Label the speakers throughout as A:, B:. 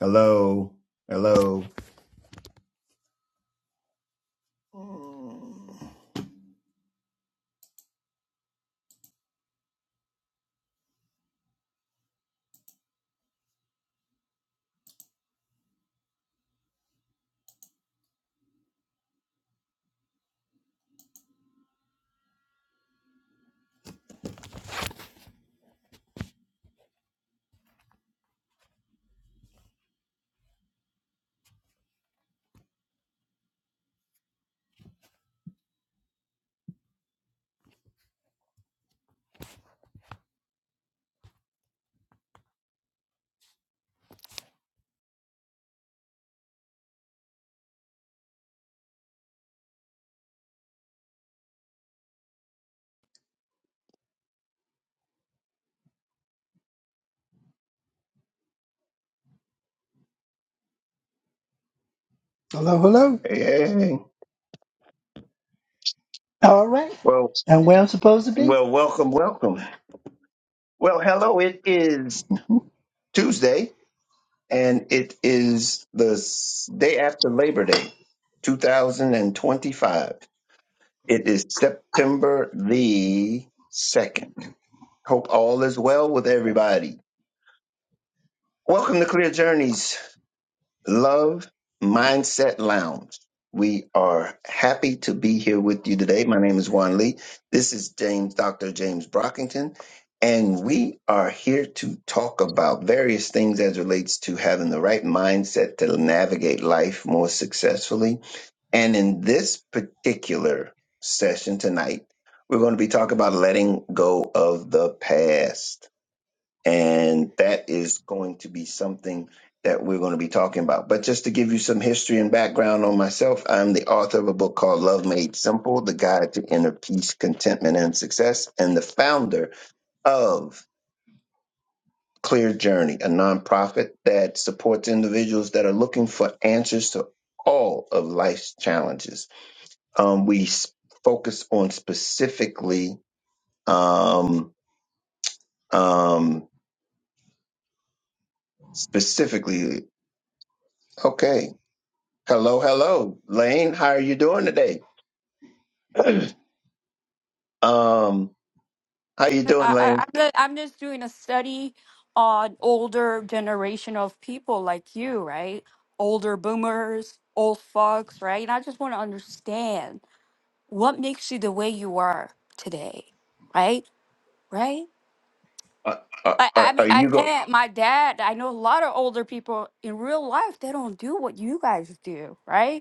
A: Hello. Hello.
B: Hello, hello.
A: Hey, hey, hey.
B: All right.
A: Well,
B: And where I'm supposed to be?
A: well, welcome, welcome. Well, hello. It is Tuesday, and it is the s- day after Labor Day, 2025. It is September the 2nd. Hope all is well with everybody. Welcome to Clear Journeys. Love Mindset Lounge. We are happy to be here with you today. My name is Juan Lee. This is James, Dr. James Brockington, and we are here to talk about various things as relates to having the right mindset to navigate life more successfully. And in this particular session tonight, we're going to be talking about letting go of the past. And that is going to be something that we're going to be talking about. But just to give you some history and background on myself, I'm the author of a book called Love Made Simple The Guide to Inner Peace, Contentment, and Success, and the founder of Clear Journey, a nonprofit that supports individuals that are looking for answers to all of life's challenges. Um, we s- focus on specifically, um, um, specifically, okay. Hello, hello, Lane. How are you doing today? um, how you
C: I,
A: doing,
C: I,
A: Lane?
C: I'm, just, I'm just doing a study on older generation of people like you, right? Older boomers, old folks, right? And I just want to understand what makes you the way you are today, right? Right?
A: Are, are,
C: I, I
A: are
C: mean,
A: are
C: I
A: you going
C: can't. My dad, I know a lot of older people in real life, they don't do what you guys do, right?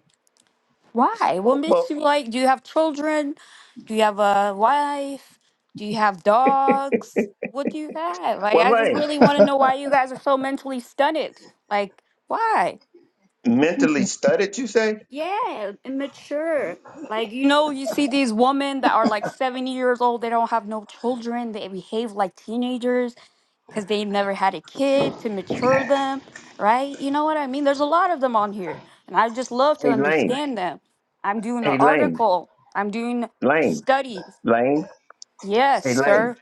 C: Why? What makes
A: Well,
C: you like? Do you have children? Do you have a wife? Do you have dogs? What do you have? Like,
A: well,
C: I just
A: Lane,
C: really want to know why you guys are so mentally stunted. Like, why?
A: mentally studied, you say?
C: Yeah, immature. Like, you know, you see these women that are like 70 years old, they don't have no children, they behave like teenagers because they've never had a kid to mature them, right? You know what I mean? There's a lot of them on here, and I just love to
A: Hey, Lane.
C: understand them. I'm doing an
A: Hey, Lane.
C: article, I'm doing
A: Lane.
C: studies.
A: Lane.
C: Yes,
A: Hey, Lane.
C: sir.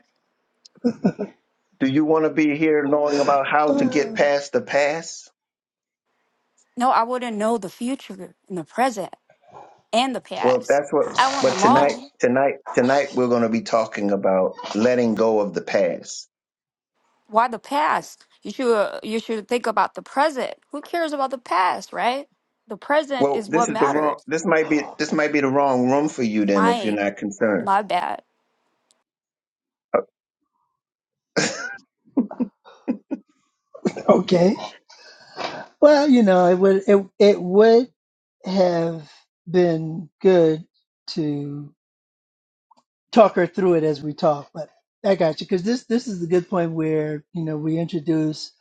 A: Do you want to be here knowing about how to get past the past?
C: No, I wouldn't know the future and the present and the
A: Well,
C: past.
A: that's what.
C: I want
A: But
C: them
A: tonight,
C: all.
A: tonight, tonight, we're going to be talking about letting go of the past.
C: Why the past? You should uh, you should think about the present. Who cares about the past, right? The present
A: Well,
C: is what
A: this is the wrong.
C: matters.
A: This might be. This might be the wrong room for you then, if you're
C: My
A: not concerned.
C: my bad.
B: okay. Well, you know, it would it it would have been good to talk her through it as we talk, but I got you because this this is the good point where you know we introduce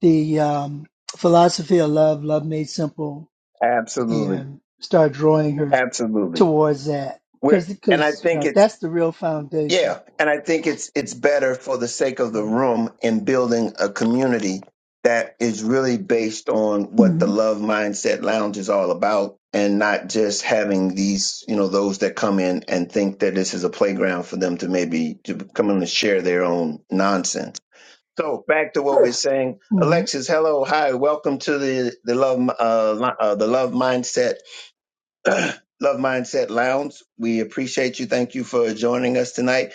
B: the um, philosophy of love, love made simple,
A: Absolutely.
B: and start drawing her
A: Absolutely.
B: towards that
A: We're,
B: because
A: and I
B: because you
A: think
B: know
A: it's,
B: that's the real foundation.
A: yeah, and I think it's, it's better for the sake of the room in building a community that is really based on what the
B: Mhm.
A: Love Mindset Lounge is all about and not just having these, you know, those that come in and think that this is a playground for them to maybe to come in and share their own nonsense. So back to what we're saying, Alexis. Hello, hi, welcome to the the love uh, Li- uh the love mindset Love Mindset Lounge. We appreciate you. Thank you for joining us tonight.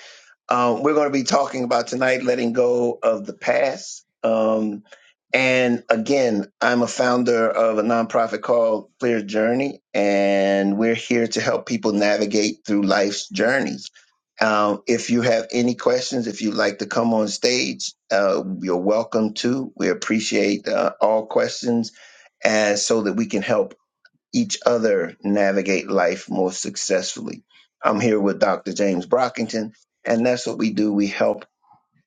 A: Um, we're going to be talking about tonight letting go of the past. Um, and again, I'm a founder of a nonprofit called Clear Journey, and we're here to help people navigate through life's journeys. Um, if you have any questions, if you'd like to come on stage, uh, you're welcome to. We appreciate uh, all questions, and so that we can help each other navigate life more successfully. I'm here with Dr. James Brockington, and that's what we do. We help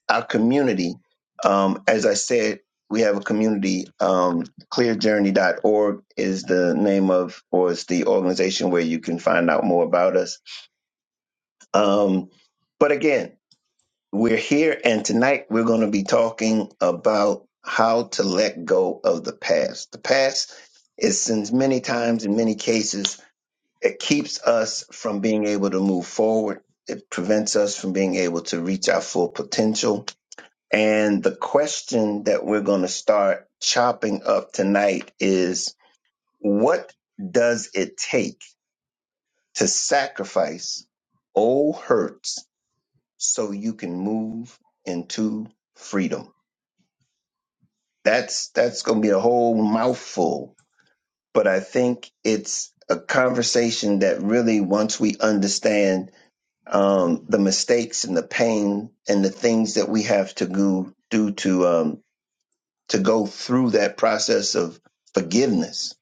A: our community. Um, as I said, we have a community. Um, clearjourney.org is the name of, or is the organization where you can find out more about us. Um, but again, we're here, and tonight we're going to be talking about how to let go of the past. The past is, since many times in many cases, it keeps us from being able to move forward. It prevents us from being able to reach our full potential. And the question that we're going to start chopping up tonight is what does it take to sacrifice old hurts so you can move into freedom? That's that's going to be a whole mouthful, but I think it's a conversation that really once we understand um, the mistakes and the pain and the things that we have to go do to um, to go through that process of forgiveness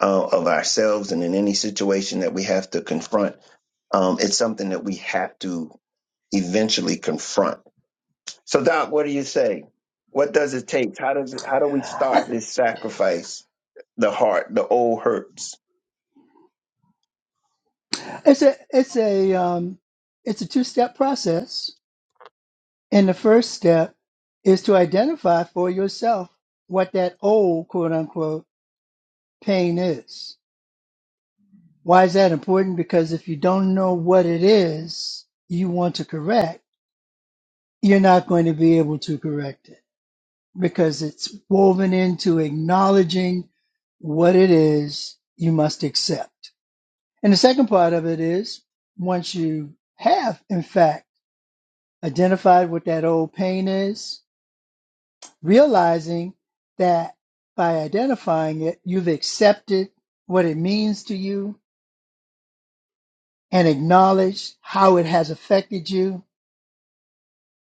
A: uh, of ourselves and in any situation that we have to confront. Um, it's something that we have to eventually confront. So, Doc, what do you say? What does it take? How does it, how do we start this sacrifice? The heart, the old hurts.
B: It's a it's a um, it's a two step process, and the first step is to identify for yourself what that old quote unquote pain is. Why is that important? Because if you don't know what it is you want to correct, you're not going to be able to correct it because it's woven into acknowledging what it is you must accept. And the second part of it is once you have, in fact, identified what that old pain is, realizing that by identifying it, you've accepted what it means to you and acknowledged how it has affected you.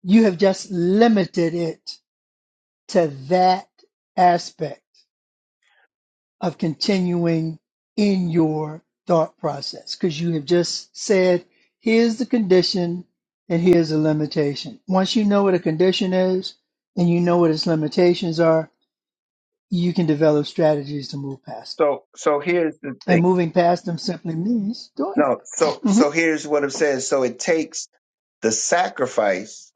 B: You have just limited it to that aspect of continuing in your thought process because you have just said, here's the condition and here's the limitation. Once you know what a condition is and you know what its limitations are, you can develop strategies to move past them.
A: So, so here's the
B: And
A: thing.
B: moving past them simply means doing it.
A: No, so
B: hmm
A: so here's what it says. So it takes the sacrifice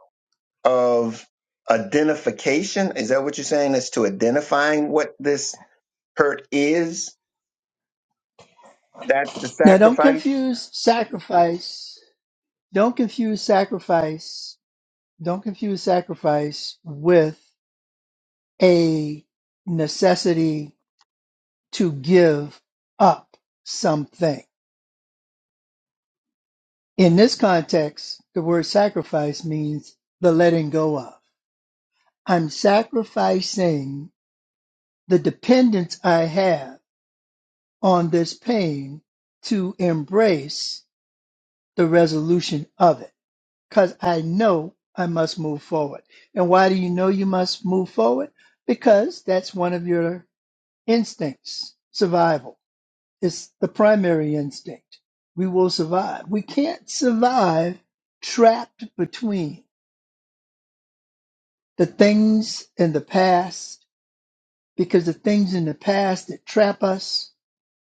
A: of identification. Is that what you're saying? As to identifying what this hurt is, that's the
B: Now, don't
A: sacrifice.
B: confuse sacrifice. Don't confuse sacrifice. Don't confuse sacrifice with a necessity to give up something. In this context, the word sacrifice means the letting go of. I'm sacrificing the dependence I have on this pain to embrace the resolution of it because I know I must move forward. And why do you know you must move forward? Because that's one of your instincts survival. is the primary instinct. We will survive. We can't survive trapped between the things in the past because the things in the past that trap us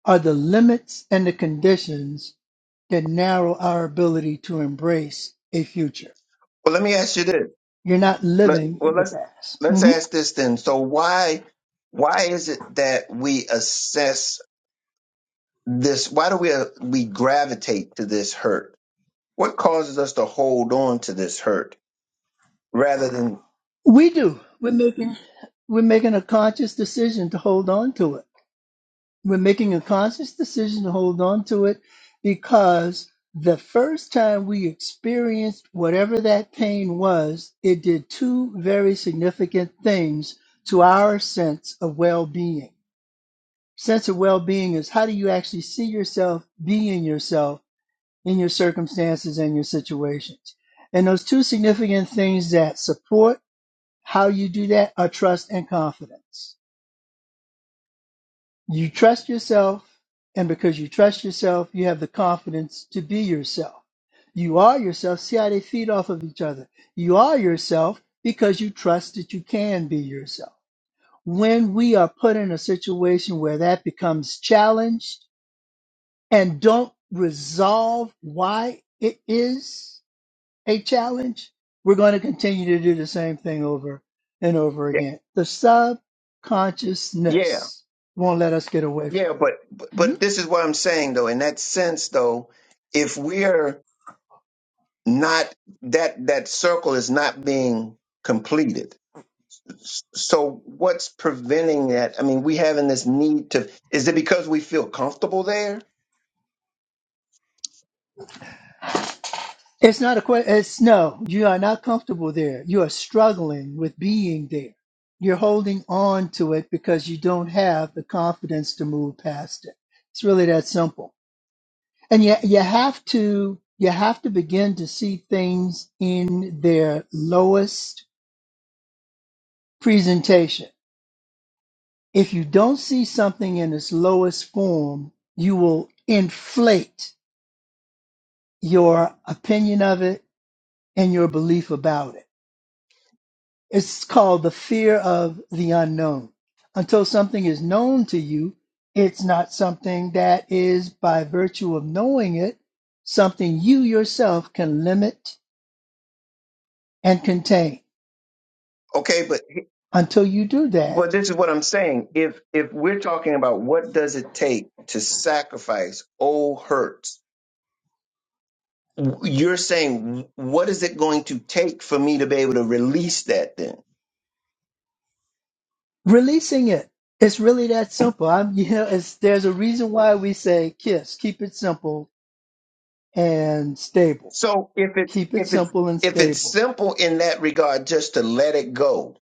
B: are the limits and the conditions that narrow our ability to embrace a future.
A: Well, let me ask you this.
B: You're not
A: Let,
B: living
A: well,
B: in the
A: let's
B: past.
A: let's
B: hmm
A: ask this then. So why why is it that we assess this? Why do we uh, we gravitate to this hurt? What causes us to hold on to this hurt rather than
B: We do. We're making we're making a conscious decision to hold on to it. We're making a conscious decision to hold on to it because the first time we experienced whatever that pain was, it did two very significant things to our sense of well-being. Sense of well-being is how do you actually see yourself being yourself in your circumstances and your situations. And those two significant things that support how you do that are trust and confidence. You trust yourself, and because you trust yourself, you have the confidence to be yourself. You are yourself. See how they feed off of each other. You are yourself because you trust that you can be yourself. When we are put in a situation where that becomes challenged and don't resolve why it is, a challenge, we're going to continue to do the same thing over and over
A: yeah
B: again. The
A: yeah
B: subconsciousness won't let us get away
A: Yeah,
B: from it.
A: but
B: Mhm.
A: but this is what I'm saying though. In that sense, though, if we're not that that circle is not being completed, S- so what's preventing that? I mean, we having this need to. Is it because we feel comfortable there?
B: It's not a question. It's no, you are not comfortable there. You are struggling with being there. You're holding on to it because you don't have the confidence to move past it. It's really that simple. And you, you have to you have to begin to see things in their lowest presentation If you don't see something in its lowest form, you will inflate your opinion of it and your belief about it. It's called the fear of the unknown. Until something is known to you, it's not something that is, by virtue of knowing it, something you yourself can limit and contain.
A: Okay, but
B: Until you do that,
A: But this is what I'm saying. If if we're talking about what does it take to sacrifice old hurts, you're saying what is it going to take for me to be able to release that then?
B: releasing it. It's really that simple. I'm, you know, it's, there's a reason why we say KISS, keep it simple, and stable.
A: So if it's
B: Keep it
A: if it's
B: simple and
A: if it's
B: stable.
A: simple in that regard, just to let it go,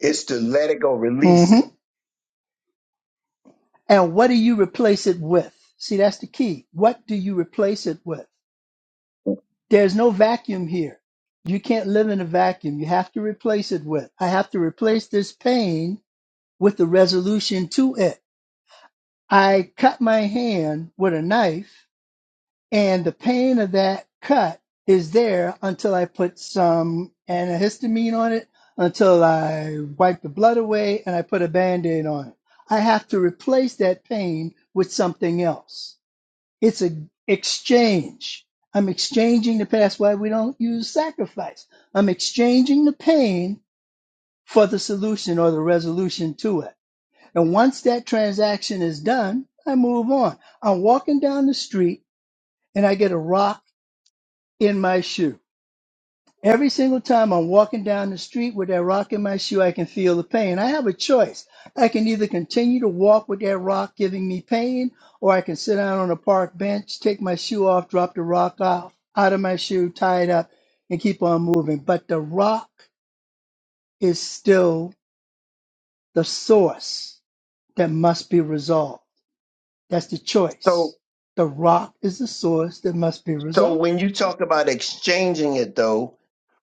A: it's to let it go, release
B: hmm
A: it.
B: And what do you replace it with? See, that's the key. What do you replace it with? There's no vacuum here. You can't live in a vacuum. You have to replace it with. I have to replace this pain with the resolution to it. I cut my hand with a knife. and the pain of that cut is there until I put some antihistamine on it, until I wipe the blood away and I put a band aid on it. I have to replace that pain with something else. It's an exchange. I'm exchanging the past. Why we don't use sacrifice? I'm exchanging the pain for the solution or the resolution to it. And once that transaction is done, I move on. I'm walking down the street and I get a rock in my shoe. Every single time I'm walking down the street with that rock in my shoe, I can feel the pain. I have a choice. I can either continue to walk with that rock giving me pain, or I can sit down on a park bench, take my shoe off, drop the rock out, out of my shoe, tie it up, and keep on moving. But the rock is still the source that must be resolved. That's the
A: So
B: choice. The rock is the source that must be
A: so
B: resolved.
A: when you talk about exchanging it though,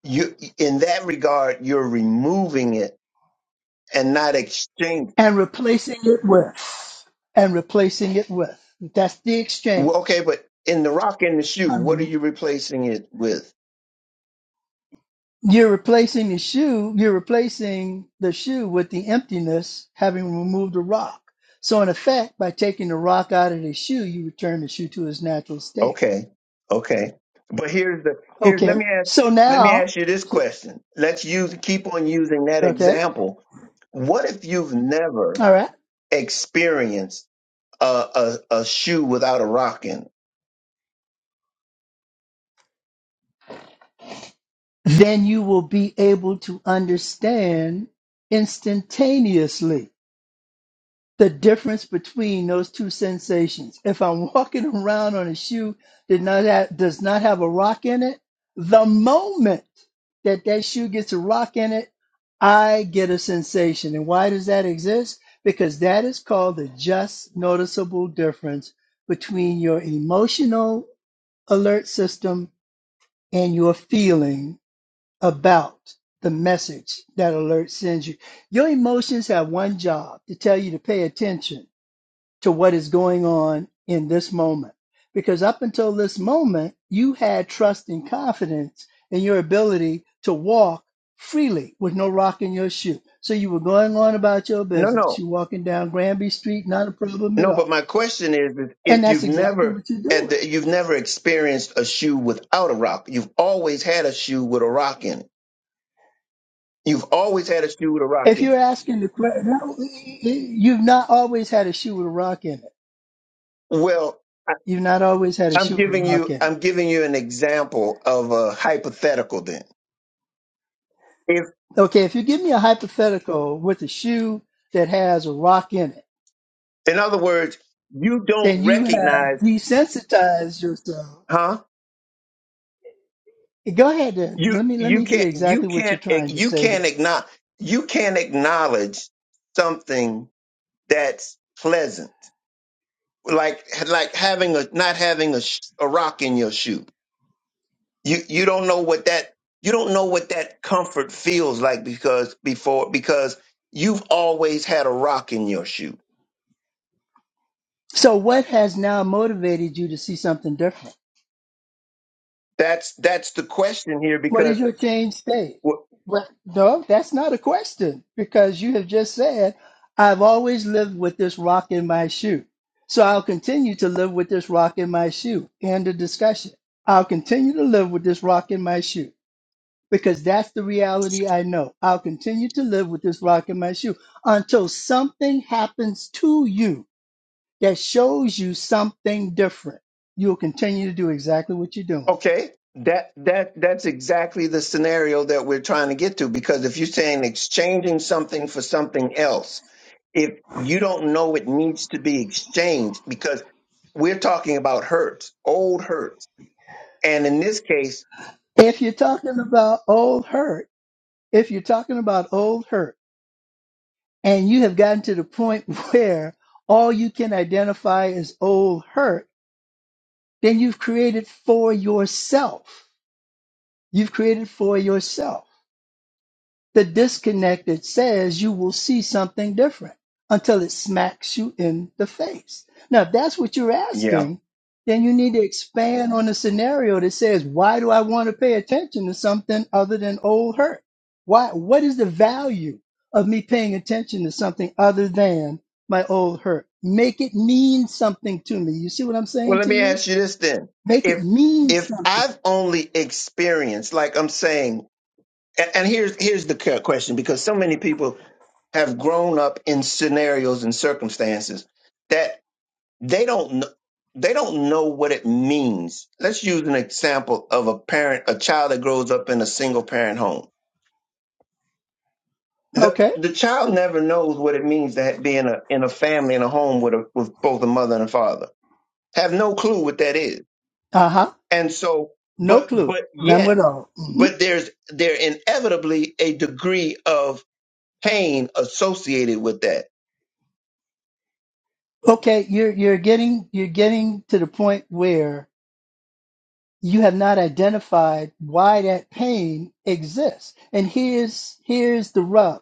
A: you in that regard you're removing it and not exchanging.
B: and replacing it with and replacing it with that's the
A: Well, okay,
B: exchange
A: but in the rock and the shoe, what are
B: I'm-
A: you replacing it with?
B: you're replacing the shoe you're replacing the shoe with the emptiness having removed the rock so in effect by taking the rock out of the shoe you return the shoe to its natural state
A: Okay, okay. But here's the here's let
B: okay
A: me ask
B: so
A: let me
B: now
A: ask you this question. Let's use keep on using that
B: okay
A: example. What if you've never
B: all right
A: experienced a a, a shoe without a rock in? it?
B: then you will be able to understand instantaneously the difference between those two sensations. If I'm walking around on a shoe that not have, does not have a rock in it, the moment that that shoe gets a rock in it, I get a sensation. And why does that exist? Because that is called the just noticeable difference between your emotional alert system and your feeling about the message that alert sends you. Your emotions have one job to tell you to pay attention to what is going on in this moment. Because up until this moment, you had trust and confidence in your ability to walk freely with no rock in your shoe. So you were going on about your
A: No,
B: business.
A: no,
B: You're walking down Granby Street, not a problem at
A: no. But
B: all.
A: my question is, is
B: And
A: if
B: that's
A: you've
B: exactly
A: never
B: what you're
A: at
B: doing.
A: the, you've never experienced a shoe without a rock, you've always had a shoe with a rock in it. You've always had a shoe with a rock
B: If
A: in
B: you're
A: it.
B: asking the question, you've not always had a shoe with a rock in it.
A: Well,
B: You've not always had a
A: I'm
B: shoe with a
A: giving
B: rock
A: you
B: in it.
A: I'm giving you an example of a hypothetical then. If
B: Okay, if you give me a hypothetical with a shoe that has a rock in it,
A: in other words, you don't
B: Then you have
A: recognize,
B: desensitized yourself.
A: huh?
B: Go ahead then.
A: You
B: Let me let
A: you
B: me hear
A: can't you
B: exactly what you're
A: can't
B: trying to
A: you
B: say
A: can't
B: here.
A: acknowledge you can't acknowledge something that's pleasant. Like like having a not having a, sh- a rock in your shoe. You you don't know what that you don't know what that comfort feels like because before because you've always had a rock in your shoe
B: So what has now motivated you to see something different?
A: That's that's the question here
B: What is
A: because
B: your change state?
A: w-
B: Well, no, that's not a question because you have just said, I've always lived with this rock in my shoe. So I'll continue to live with this rock in my shoe. End of discussion. I'll continue to live with this rock in my shoe. because that's the reality I know. I'll continue to live with this rock in my shoe until something happens to you that shows you something different. You'll continue to do exactly what you're doing.
A: okay, that that that's exactly the scenario that we're trying to get to because if you're saying exchanging something for something else, if you don't know it needs to be exchanged because we're talking about hurts, old hurts. And in this case,
B: If you're talking about old hurt, if you're talking about old hurt and you have gotten to the point where all you can identify is old hurt, then you've created for yourself. You've created for yourself The disconnected says you will see something different until it smacks you in the face. Now, if that's what you're
A: yeah.
B: asking, then you need to expand on a scenario that says, why do I want to pay attention to something other than old hurt? Why, what is the value of me paying attention to something other than my old hurt? Make it mean something to me. You see what I'm
A: Well,
B: saying
A: let
B: to
A: me
B: you?
A: ask you this then.
B: Make it
A: If
B: mean
A: if
B: something.
A: I've only experienced like I'm saying and, and here's here's the cu- question because so many people have grown up in scenarios and circumstances that they don't kn- they don't know what it means. Let's use an example of a parent, a child that grows up in a single parent home. The
B: Okay.
A: the child never knows what it means to be in a in a family in a home with a with both a mother and a father. Have no clue what that is.
B: Uh huh.
A: And so
B: No
A: but
B: clue.
A: but
B: None
A: yet
B: at all. Mhm.
A: but there's there inevitably a degree of pain associated with that
B: Okay, you're you're getting you're getting to the point where you have not identified why that pain exists. And here's here's the rub.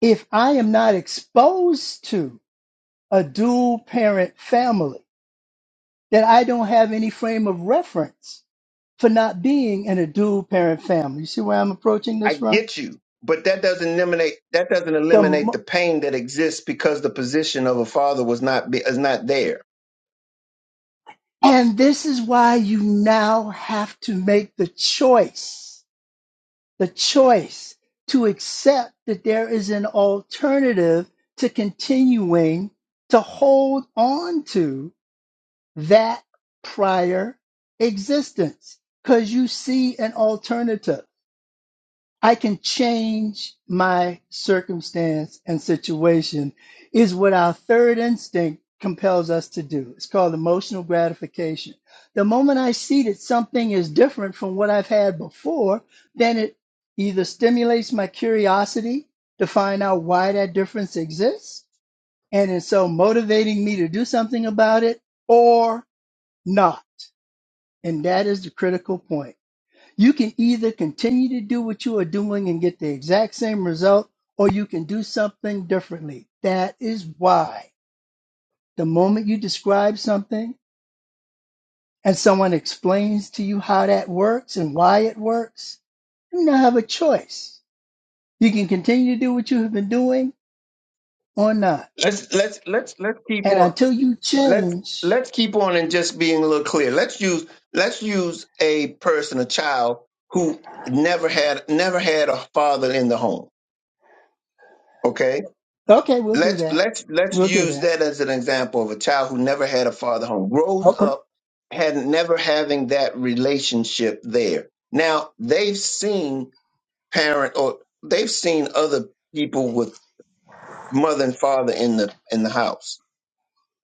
B: If I am not exposed to a dual parent family, then I don't have any frame of reference for not being in a dual parent family. You see where I'm approaching this
A: I
B: from?
A: get you, but that doesn't eliminate that doesn't
B: The
A: eliminate the
B: mo-
A: pain that exists because the position of a father was not be, is not there.
B: and this is why you now have to make the choice the choice to accept that there is an alternative to continuing to hold on to that prior existence because you see an alternative. I can change my circumstance and situation is what our third instinct compels us to do. It's called emotional gratification. The moment I see that something is different from what I've had before, then it either stimulates my curiosity to find out why that difference exists, and is so motivating me to do something about it, or not. And that is the critical point you can either continue to do what you are doing and get the exact same result, or you can do something differently. That is why the moment you describe something and someone explains to you how that works and why it works, you now have a choice. You can continue to do what you have been doing or not.
A: Let's let's let's let's keep
B: And
A: on
B: until you
A: let's
B: change,
A: let's keep on and just being a little clear. Let's use let's use a person, a child who never had never had a father in the home. Okay,
B: okay, we'll do
A: let's
B: that.
A: let's let's
B: We'll do
A: use
B: that.
A: that as an example of a child who never had a father home, grows
B: Okay.
A: up had never having that relationship there. Now they've seen parent or they've seen other people with mother and father in the in the house.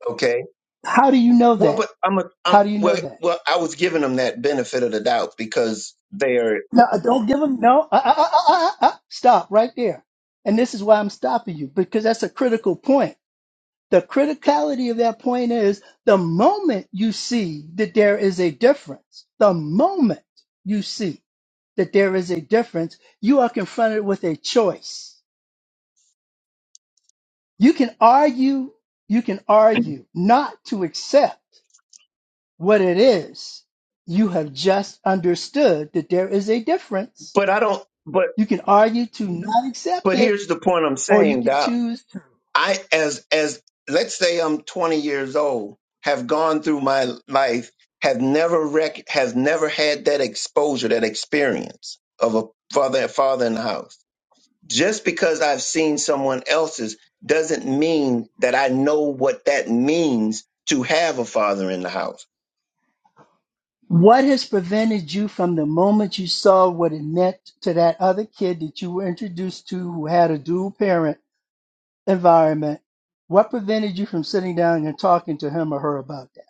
A: Okay.
B: How do you know
A: Well, but
B: that?
A: I'm a I'm
B: How do you
A: well
B: know that?
A: well I was giving them that benefit of the doubt because they're
B: No, uh, don't give him. No, uh, uh, uh, uh, uh, uh, uh, stop right there. And this is why I'm stopping you because that's a critical point. The criticality of that point is the moment you see that there is a difference, the moment you see that there is a difference, you are confronted with a choice. You can argue, you can argue not to accept what it is. You have just understood that there is a difference.
A: but I don't but
B: You can argue to not accept
A: but
B: it
A: here's the point I'm
B: or you
A: saying
B: can
A: that
B: choose
A: I as as let's say I'm 20 years old have gone through my life have never rec- have never had that exposure that experience of a father father in the house just because I've seen someone else's doesn't mean that I know what that means to have a father in the house.
B: what has prevented you from the moment you saw what it meant to that other kid that you were introduced to who had a dual parent environment. What prevented you from sitting down and talking to him or her about that?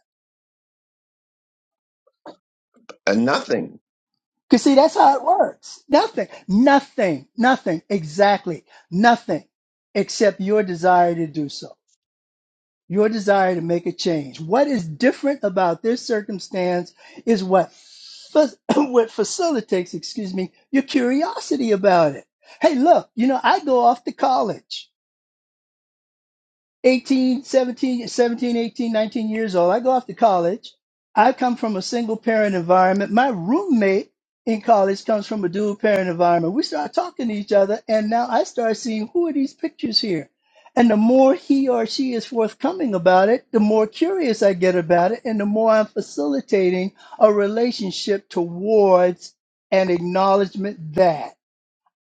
A: Uh, nothing.
B: Because, see, that's how it works. Nothing, nothing, nothing, exactly nothing except your desire to do so. your desire to make a change. What is different about this circumstance is what fa- what facilitates, excuse me, your curiosity about it. Hey, look, you know, I go off to college. 18, 17, 17, 18, 19 years old. I go off to college. I come from a single parent environment. My roommate in college comes from a dual parent environment. We start talking to each other, and now I start seeing who are these pictures here. And the more he or she is forthcoming about it, the more curious I get about it, and the more I'm facilitating a relationship towards an acknowledgement that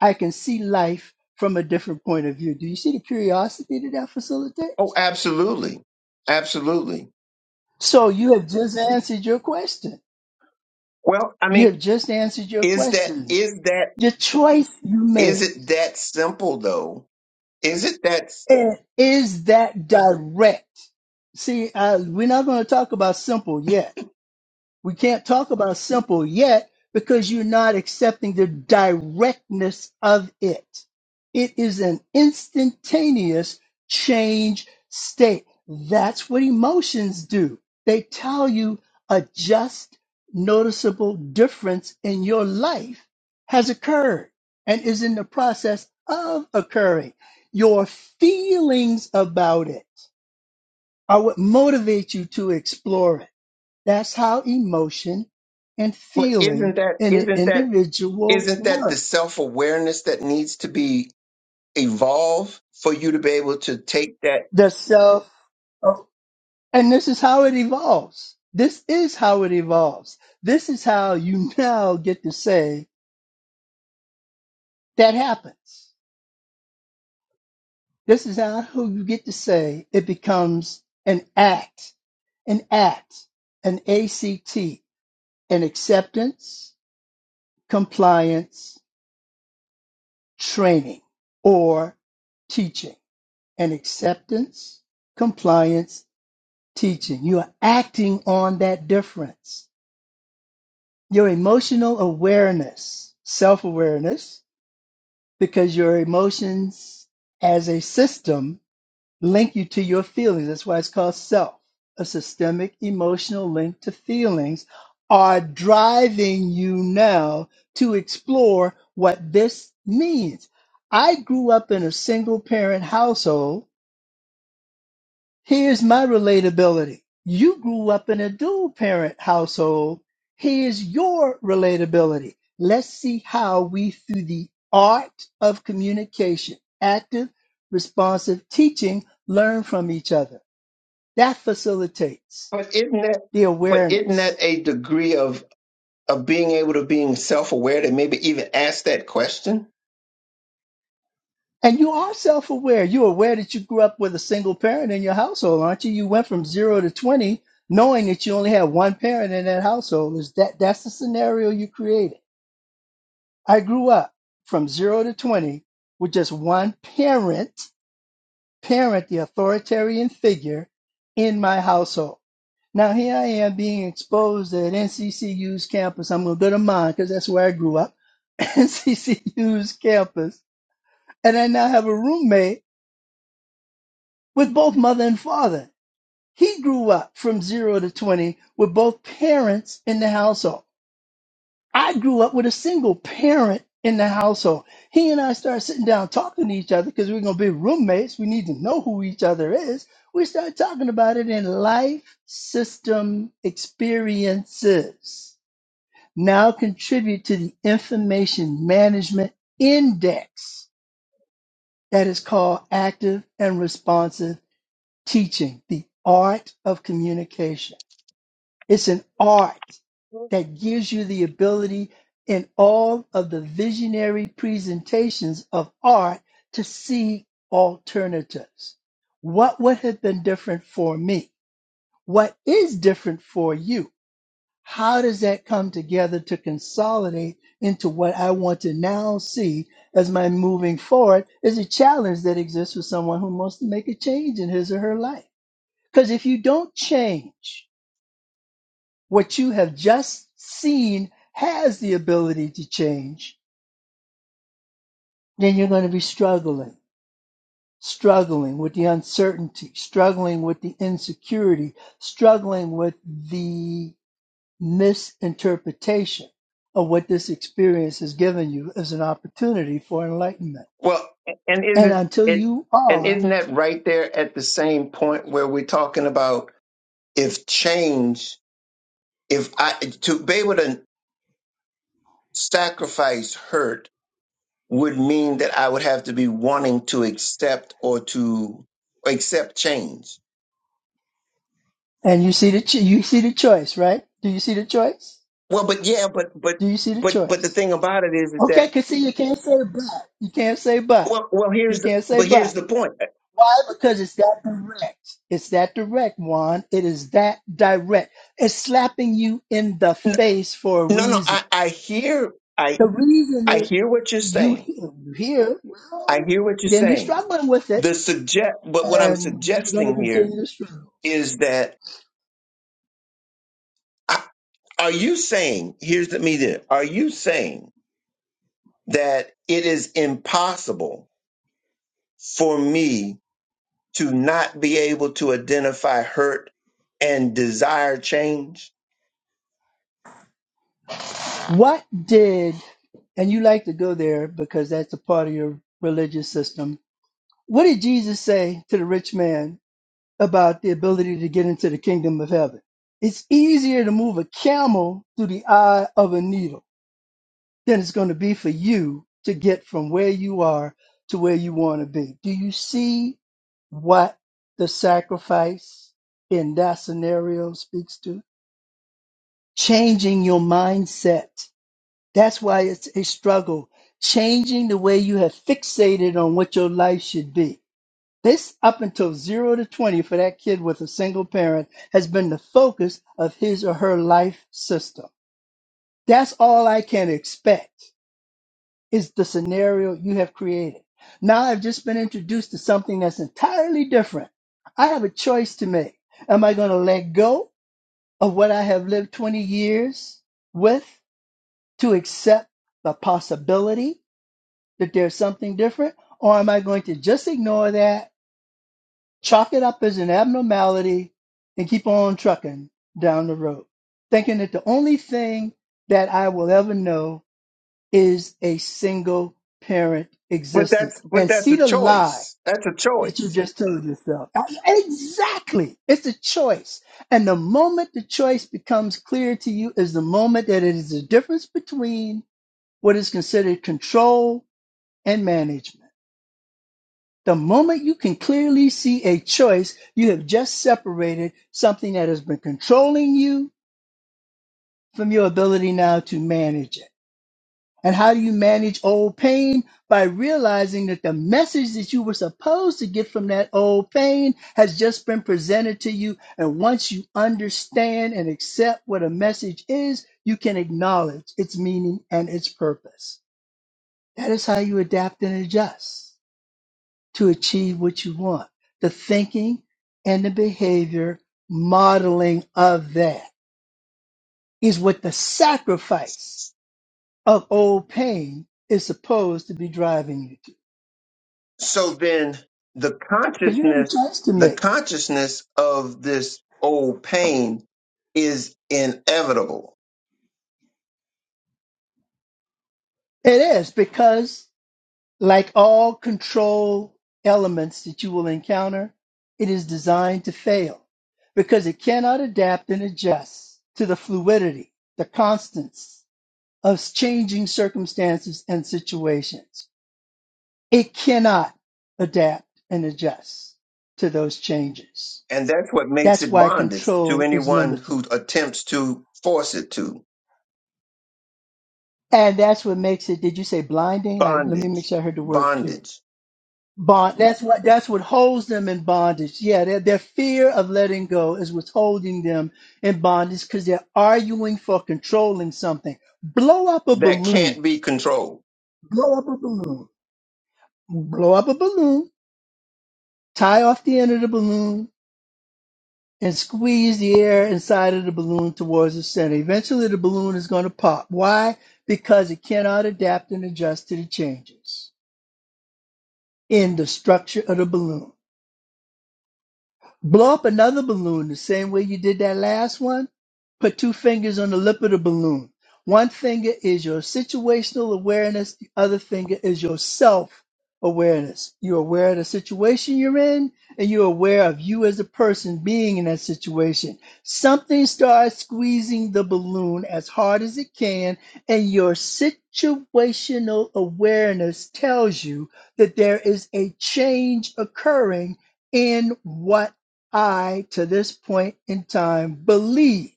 B: I can see life from a different point of view. Do you see the curiosity that that facilitates?
A: Oh, absolutely. Absolutely.
B: So you have just answered your question.
A: Well, I
B: You
A: mean,
B: have just answered your
A: is that
B: question.
A: is that
B: The choice you made.
A: is it that simple though? Is it that
B: And is that direct? See, uh, we're not going to talk about simple yet. We can't talk about simple yet because you're not accepting the directness of it. It is an instantaneous change state. That's what emotions do. They tell you a just, noticeable difference in your life has occurred and is in the process of occurring. Your feelings about it are what motivate you to explore it that's how emotion and
A: but
B: feeling
A: isn't that
B: in an
A: isn't that
B: individual
A: isn't that the
B: work.
A: self-awareness that needs to be evolved for you to be able to take that
B: The self, oh, and this is how it evolves. This is how it evolves. This is how you now get to say that happens. This is how who you get to say it becomes an act, an act, an ACT, an acceptance, compliance, training, or teaching, an acceptance, compliance, teaching. You are acting on that difference. Your emotional awareness, self awareness, because your emotions as a system link you to your feelings. That's why it's called self. A systemic emotional link to feelings are driving you now to explore what this means. I grew up in a single parent household Here's my relatability. You grew up in a dual parent household. Here's your relatability. Let's see how we, through the art of communication, active, responsive teaching, learn from each other. That facilitates
A: but isn't that
B: the
A: but isn't that
B: awareness.
A: a degree of? of being able to being self-aware to maybe even ask that question
B: And you are self aware. You're aware that you grew up with a single parent in your household, aren't you? You went from zero to 20 knowing that you only had one parent in that household. Is that, that's the scenario you created I grew up from zero to 20 with just one parent, parent, the authoritarian figure in my household. Now here I am being exposed at NCCU's campus. I'm going to go to mine because that's where I grew up, NCCU's campus. And I now have a roommate with both mother and father. He grew up from zero to 20 with both parents in the household. I grew up with a single parent in the household. He and I started sitting down talking to each other because we're going to be roommates. We need to know who each other is. We started talking about it in life system experiences. Now contribute to the information management index that is called active and responsive teaching, the art of communication. It's an art that gives you the ability in all of the visionary presentations of art to see alternatives. What would have been different for me? What is different for you? How does that come together to consolidate into what I want to now see as my moving forward is a challenge that exists for someone who wants to make a change in his or her life. Because if you don't change, what you have just seen has the ability to change, then you're going to be struggling, struggling with the uncertainty, struggling with the insecurity, struggling with the misinterpretation of what this experience has given you as an opportunity for enlightenment.
A: well and
B: And
A: isn't
B: until
A: it
B: you
A: and
B: are,
A: isn't that right there at the same point where we're talking about if change if i to be able to sacrifice hurt would mean that i would have to be wanting to accept or to accept change
B: and you see the cho- you see the choice, right? Do you see the choice?
A: well but yeah but but
B: Do you see the
A: but but the
B: choice?
A: thing about it is is
B: Okay,
A: that
B: cause see, you can't say but. You can't say but.
A: well well
B: You
A: here's the
B: can't say
A: but
B: but.
A: here's the point
B: Why? Because it's that direct. It's that direct, Juan. It is that direct. It's slapping you in the face for a
A: no no
B: reason.
A: i i hear I.
B: The reason
A: I hear
B: is
A: what you're
B: you
A: saying.
B: hear, you hear
A: I
B: well,
A: hear what you're
B: then you're
A: saying.
B: struggling with it
A: The suggest, but what I'm
B: and you're going to
A: suggesting here
B: continue to struggle.
A: is that I, are you saying? Here's the me there. Are you saying that it is impossible for me to not be able to identify hurt and desire change?
B: What did, and you like to go there because that's a part of your religious system. What did Jesus say to the rich man about the ability to get into the kingdom of heaven. It's easier to move a camel through the eye of a needle than it's going to be for you to get from where you are to where you want to be. Do you see what the sacrifice in that scenario speaks to? Changing your mindset. That's why it's a struggle. Changing the way you have fixated on what your life should be this up until 0 to 20 for that kid with a single parent has been the focus of his or her life system. That's all I can expect is the scenario you have created. Now I've just been introduced to something that's entirely different. I have a choice to make. Am I going to let go of what I have lived 20 years with to accept the possibility that there's something different? Or am I going to just ignore that chalk it up as an abnormality and keep on trucking down the road, thinking that the only thing that I will ever know is a single parent
A: But that's
B: existence.
A: but
B: And
A: that's
B: see
A: a
B: the lie
A: choice. That's a
B: that you
A: choice
B: just told yourself. Exactly. It's a choice. And the moment the choice becomes clear to you is the moment that it is the difference between what is considered control and management. The moment you can clearly see a choice, you have just separated something that has been controlling you from your ability now to manage it. And how do you manage old pain? By realizing that the message that you were supposed to get from that old pain has just been presented to you. And once you understand and accept what a message is, you can acknowledge its meaning and its purpose. That is how you adapt and adjust. to achieve what you want. The thinking and the behavior modeling of that is what the sacrifice of old pain is supposed to be driving you to.
A: So then the
B: Because you have a
A: consciousness,
B: choice to
A: the
B: make.
A: consciousness of this old pain is inevitable.
B: It is because, like all control elements that you will encounter, it is designed to fail because it cannot adapt and adjust to the fluidity, the constants of changing circumstances and situations. It cannot adapt and adjust to those changes.
A: And that's what makes
B: That's
A: it
B: why
A: bondage to
B: control is
A: anyone
B: limited.
A: who attempts to force it to.
B: And that's what makes it, did you say blinding? I, let me make
A: Bondage.
B: sure I heard the word clear.
A: Bondage.
B: Bond. That's what, that's what holds them in bondage. Yeah. Their, their fear of letting go is what's holding them in bondage because they're arguing for controlling something. Blow up a
A: That
B: balloon.
A: can't be controlled.
B: Blow up a balloon. Blow up a balloon. Tie off the end of the balloon and squeeze the air inside of the balloon towards the center. Eventually, the balloon is going to pop. Why? Because it cannot adapt and adjust to the changes in the structure of the balloon. Blow up another balloon the same way you did that last one. Put two fingers on the lip of the balloon. One finger is your situational awareness, the other finger is your self awareness. You're aware of the situation you're in, and you're aware of you as a person being in that situation. Something starts squeezing the balloon as hard as it can, and your situational awareness tells you that there is a change occurring in what I, to this point in time, believe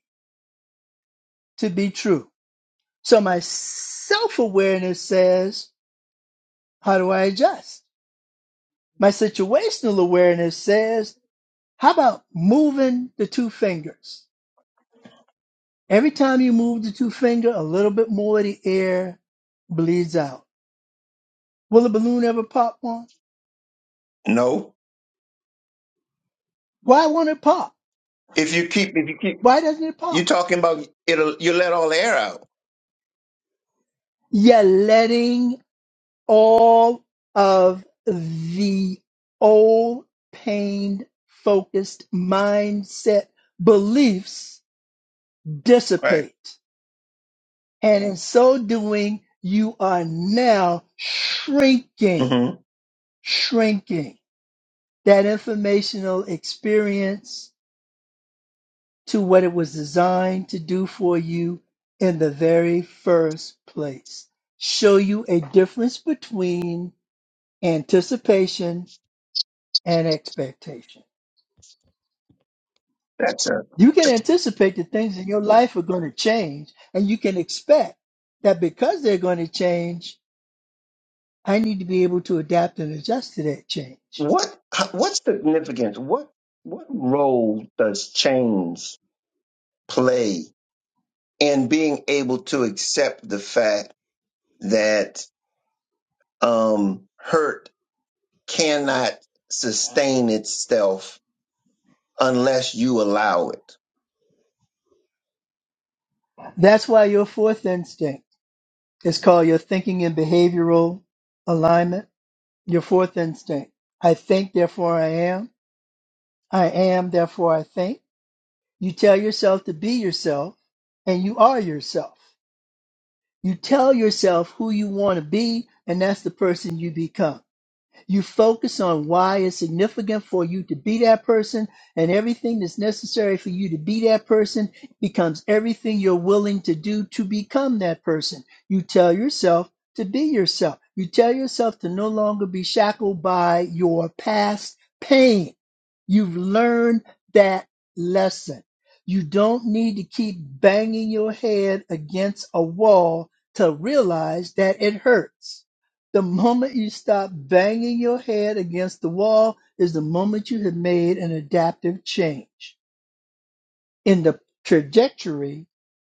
B: to be true. So my self awareness says, how do I adjust? My situational awareness says, how about moving the two fingers? Every time you move the two finger, a little bit more of the air bleeds out. Will a balloon ever pop one?
A: No.
B: Why won't it pop?
A: If you keep if you keep
B: Why doesn't it
A: you
B: pop?
A: talking about it'll you let all the air out.
B: You're letting all of the old pain focused mindset beliefs
A: Right.
B: dissipate. And in so doing, you are now shrinking,
A: hmm
B: shrinking that informational experience to what it was designed to do for you in the very first place. Show you a difference between anticipation and expectation.
A: That's a
B: You can anticipate that things in your life are going to change, and you can expect that because they're going to change, I need to be able to adapt and adjust to that change.
A: what what significance, what what role does change play and being able to accept the fact that um, hurt cannot sustain itself unless you allow it.
B: That's why your fourth instinct is called your thinking and behavioral alignment. Your fourth instinct I think, therefore I am. I am, therefore I think. You tell yourself to be yourself, and you are yourself. You tell yourself who you want to be, and that's the person you become. You focus on why it's significant for you to be that person, and everything that's necessary for you to be that person becomes everything you're willing to do to become that person. You tell yourself to be yourself. You tell yourself to no longer be shackled by your past pain. You've learned that lesson. You don't need to keep banging your head against a wall to realize that it hurts. The moment you stop banging your head against the wall is the moment you have made an adaptive change in the trajectory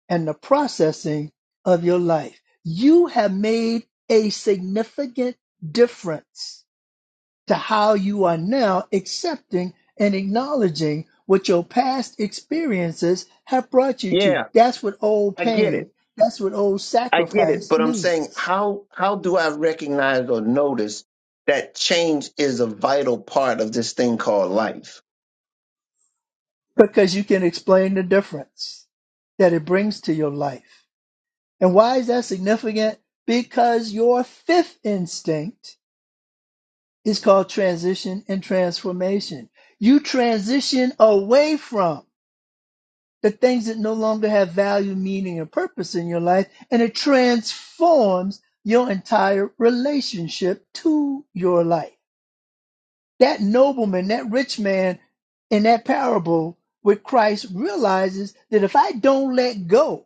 B: and the processing of your life. You have made a significant difference to how you are now accepting and acknowledging what your past experiences have brought you to.
A: Yeah,
B: That's what old
A: I get
B: pain,
A: it.
B: that's what old
A: I get it.
B: sacrifice
A: But I'm
B: means.
A: saying, how how do I recognize or notice that change is a vital part of this thing called life?
B: because you can explain the difference that it brings to your life. And why is that significant? Because your fifth instinct is called transition and transformation. You transition away from the things that no longer have value, meaning, and purpose in your life, and it transforms your entire relationship to your life. That nobleman, that rich man in that parable with Christ realizes that if I don't let go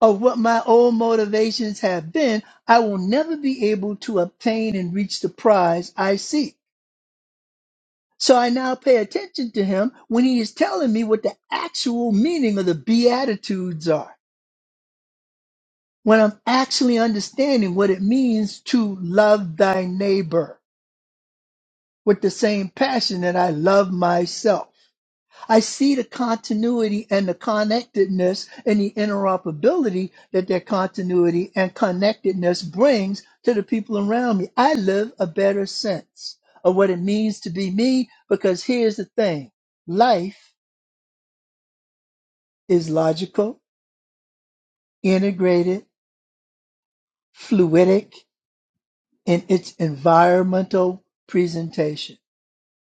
B: of what my old motivations have been, I will never be able to obtain and reach the prize I seek. So I now pay attention to him when he is telling me what the actual meaning of the Beatitudes are, when I'm actually understanding what it means to love thy neighbor with the same passion that I love myself. I see the continuity and the connectedness and the interoperability that that continuity and connectedness brings to the people around me. I live a better sense of what it means to be me because here's the thing life is logical, integrated, fluidic in its environmental presentation.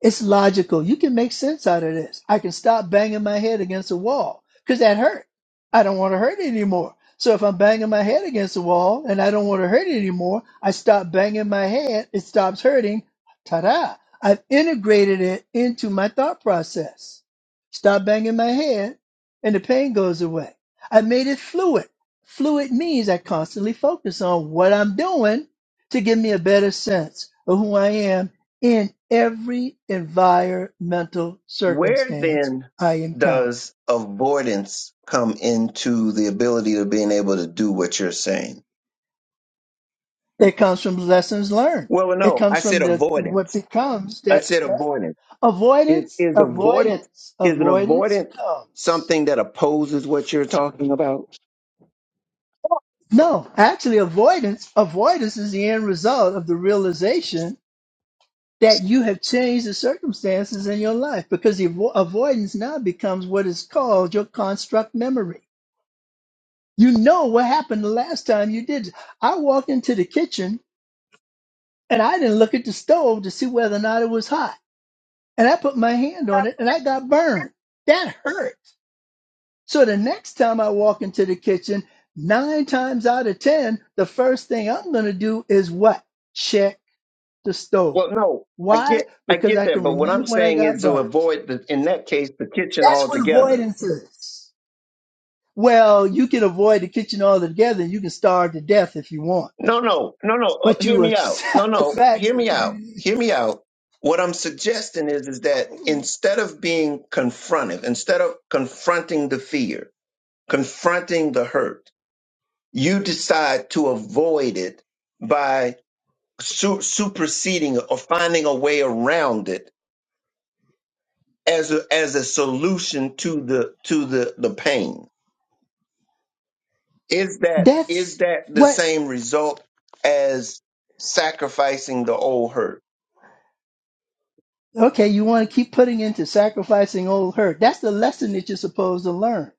B: It's logical. You can make sense out of this. I can stop banging my head against a wall because that hurt. I don't want to hurt it anymore. So if I'm banging my head against the wall and I don't want to hurt it anymore, I stop banging my head. It stops hurting. Ta-da! I've integrated it into my thought process. Stop banging my head and the pain goes away. I made it fluid. Fluid means I constantly focus on what I'm doing to give me a better sense of who I am in every environmental
A: Where
B: circumstance
A: then
B: I encounter.
A: does avoidance come into the ability of being able to do what you're saying?
B: It comes from lessons learned.
A: Well,
B: It
A: no,
B: comes
A: I
B: from
A: said
B: the what
A: avoidance.
B: becomes
A: I
B: that
A: said avoidance. Is
B: avoidance,
A: is avoidance
B: avoidance,
A: is an
B: avoidance
A: avoidance
B: comes.
A: something that opposes what you're talking about?
B: No, actually avoidance, avoidance is the end result of the realization that you have changed the circumstances in your life because the avo- avoidance now becomes what is called your construct memory. You know what happened the last time you did. it. I walked into the kitchen and I didn't look at the stove to see whether or not it was hot. And I put my hand on it and I got burned. That hurt. So the next time I walk into the kitchen, nine times out of 10, the first thing I'm going to do is what? Check the stove.
A: Well, no, I
B: Why?
A: get I
B: Because
A: get
B: I
A: that,
B: can
A: but what I'm
B: remember when I
A: saying
B: got
A: is to
B: burned.
A: avoid the in that case the kitchen
B: That's what
A: altogether.
B: avoidance is. Well, you can avoid the kitchen altogether and you can starve to death if you want,
A: No, no, no, no. Uh,
B: but
A: hear
B: you
A: me out. No,
B: accept the
A: no.
B: fact
A: Hear
B: that
A: me out.
B: you,
A: Hear me out. What I'm suggesting is is that instead of being confrontive, instead of confronting the fear, confronting the hurt, you decide to avoid it by su- superseding or finding a way around it as a as a solution to the to the the pain is that is
B: that's
A: that the
B: what
A: same result as sacrificing the old hurt
B: Okay, you want to keep putting into sacrificing old hurt. That's the lesson that you're supposed to learn,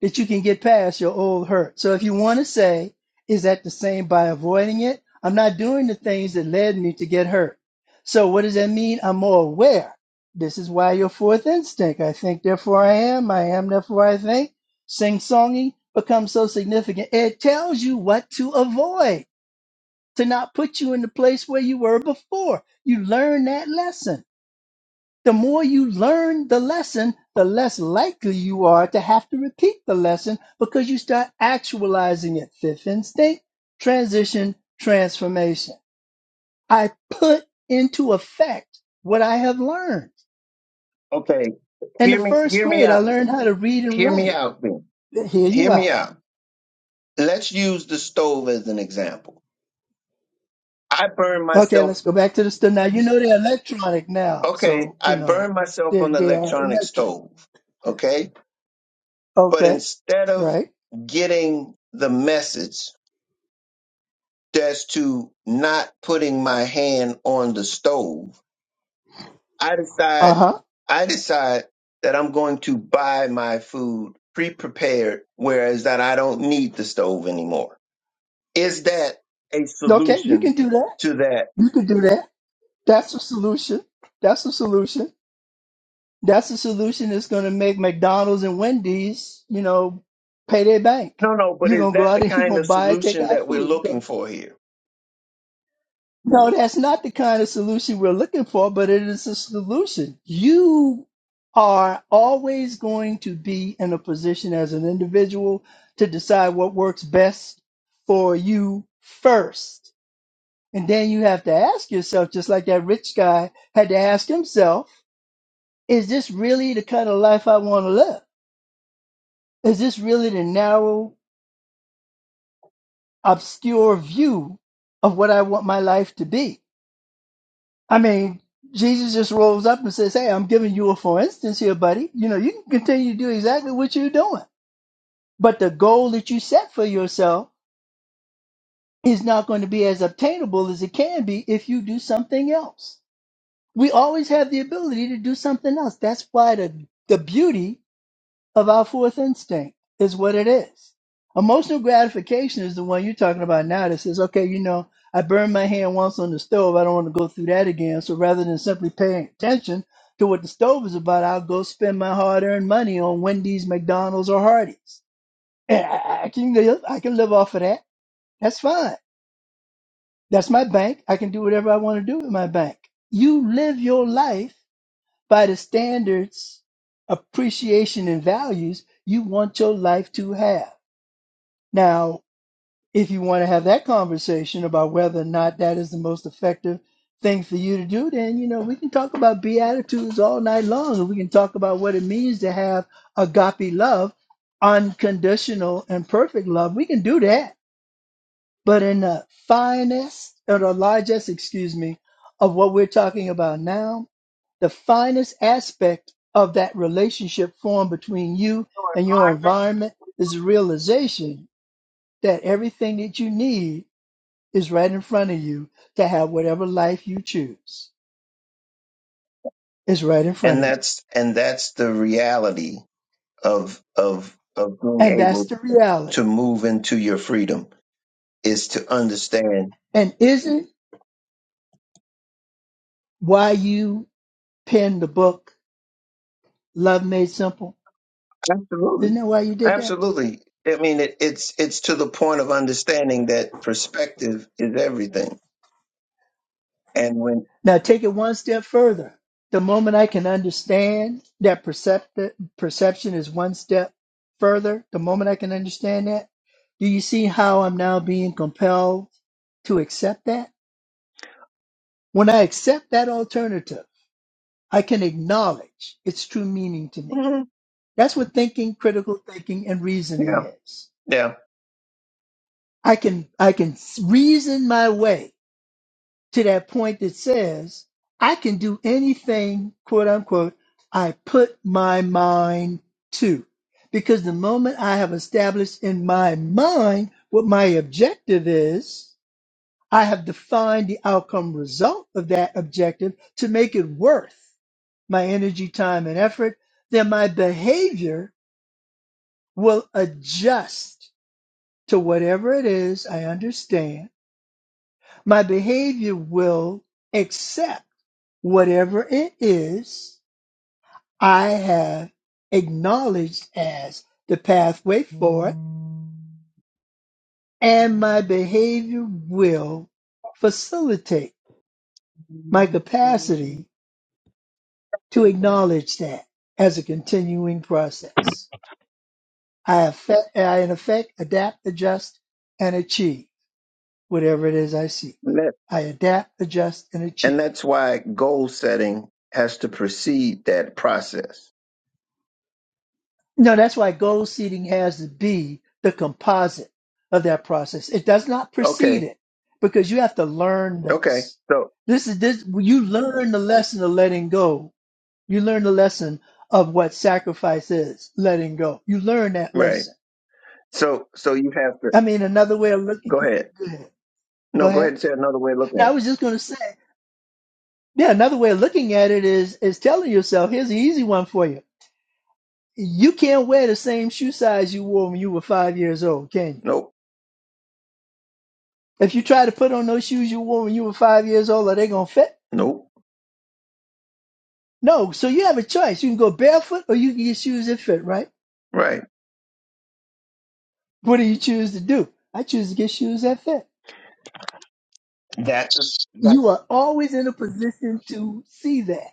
B: that you can get past your old hurt. So if you want to say, is that the same by avoiding it? I'm not doing the things that led me to get hurt. So what does that mean? I'm more aware. This is why your fourth instinct, I think, therefore I am, I am, therefore I think, sing-songing becomes so significant. It tells you what to avoid, to not put you in the place where you were before. You learn that lesson the more you learn the lesson, the less likely you are to have to repeat the lesson because you start actualizing it. Fifth instinct, transition, transformation. I put into effect what I have learned.
A: okay
B: In the
A: hear me
B: first
A: hear me
B: grade, I
A: out
B: learned how to read and
A: hear me
B: write.
A: out then
B: Hear you
A: hear
B: out.
A: me out let's use the stove as an example i burned
B: Okay,
A: myself
B: let's go back to the study. Now, you know they're electronic now.
A: okay
B: So, you
A: i
B: know,
A: burned myself
B: they
A: on the
B: they are
A: electronic
B: electric.
A: stove okay but
B: Okay,
A: instead of
B: right.
A: getting the message as to not putting my hand on the stove. I
B: Uh
A: decide
B: huh.
A: I decide that I'm going to buy my food pre-prepared, whereas that I don't need the stove anymore. Is that a
B: Okay, you
A: solution
B: can do that.
A: to that?
B: You can do that. That's the solution. That's the solution. That's the solution that's going to make McDonald's and Wendy's, you know, pay their bank.
A: No, no, but
B: You're
A: is
B: going to go
A: that the
B: out and you're
A: kind
B: going
A: of
B: to buy takeout
A: solution that we're
B: food.
A: looking
B: Go-
A: for here?
B: No, that's not the kind of solution we're looking for, but it is a solution. You are always going to be in a position as an individual to decide what works best for you first. And then you have to ask yourself, just like that rich guy had to ask himself is this really the kind of life I want to live? Is this really the narrow, obscure view of what I want my life to be? I mean, Jesus just rolls up and says, Hey, I'm giving you a for instance here, buddy. You know, you can continue to do exactly what you're doing, but the goal that you set for yourself is not going to be as obtainable as it can be if you do something else. We always have the ability to do something else. That's why the, the beauty of our fourth instinct is what it is. Emotional gratification is the one you're talking about now that says, okay, you know, I burned my hand once on the stove. I don't want to go through that again. So rather than simply paying attention to what the stove is about, I'll go spend my hard earned money on Wendy's, McDonald's, or Hardee's. And I, I can live, I can live off of that. That's fine. That's my bank. I can do whatever I want to do with my bank. You live your life by the standards, appreciation, and values you want your life to have. Now, if you want to have that conversation about whether or not that is the most effective thing for you to do, then you know we can talk about beatitudes all night long, and we can talk about what it means to have agape love, unconditional and perfect love. We can do that, but in the finest or the largest, excuse me, of what we're talking about now the finest aspect of that relationship formed between you and your environment is the realization that everything that you need is right in front of you to have whatever life you choose is right in front
A: And
B: of you.
A: that's and that's the reality of of of
B: And
A: being
B: that's
A: able
B: the
A: to
B: reality.
A: move into your freedom is to understand
B: And isn't why you penned the book, Love Made Simple?
A: Absolutely.
B: Isn't that why you did that?
A: Absolutely. I mean, it, it's it's to the point of understanding that perspective is everything. And when,
B: Now take it one step further. The moment I can understand that percept- perception is one step further, the moment I can understand that, do you see how I'm now being compelled to accept that? When I accept that alternative, I can acknowledge its true meaning to me.
A: Mhm.
B: That's what thinking, critical thinking, and reasoning
A: yeah,
B: is.
A: yeah,
B: I can I can reason my way to that point that says, I can do anything, quote unquote, I put my mind to. Because the moment I have established in my mind what my objective is, I have defined the outcome result of that objective to make it worth my energy, time, and effort. Then my behavior will adjust to whatever it is I understand. My behavior will accept Whatever it is, I have acknowledged as the pathway forward, and my behavior will facilitate my capacity to acknowledge that as a continuing process. I, affect, I in effect, adapt, adjust, and achieve whatever it is I seek.
A: and, that,
B: I adapt, adjust, and
A: and
B: achieve.
A: that's why goal setting has to precede that process.
B: No, that's why gold seeding has to be the composite of that process. It does not precede
A: Okay,
B: it because you have to learn
A: okay.
B: this.
A: So
B: This is this you learn the lesson of letting go. You learn the lesson of what sacrifice is, letting go. You learn that
A: right.
B: lesson.
A: So so you have to
B: I mean, another way of looking
A: go ahead.
B: go ahead. Go
A: No, go ahead
B: ahead.
A: and say another way of looking at
B: Now I
A: it.
B: was just gonna say, yeah, another way of looking at it is is telling yourself, here's an easy one for you. You can't wear the same shoe size you wore when you were five years old, can you?
A: Nope,
B: If you try to put on those shoes you wore when you were five years old, are they gonna fit?
A: nope.
B: No. So you have a choice. You can go barefoot or you can get shoes that fit, right?
A: Right.
B: What do you choose to do? I choose to get shoes that fit.
A: That's that.
B: You are always in a position to see that,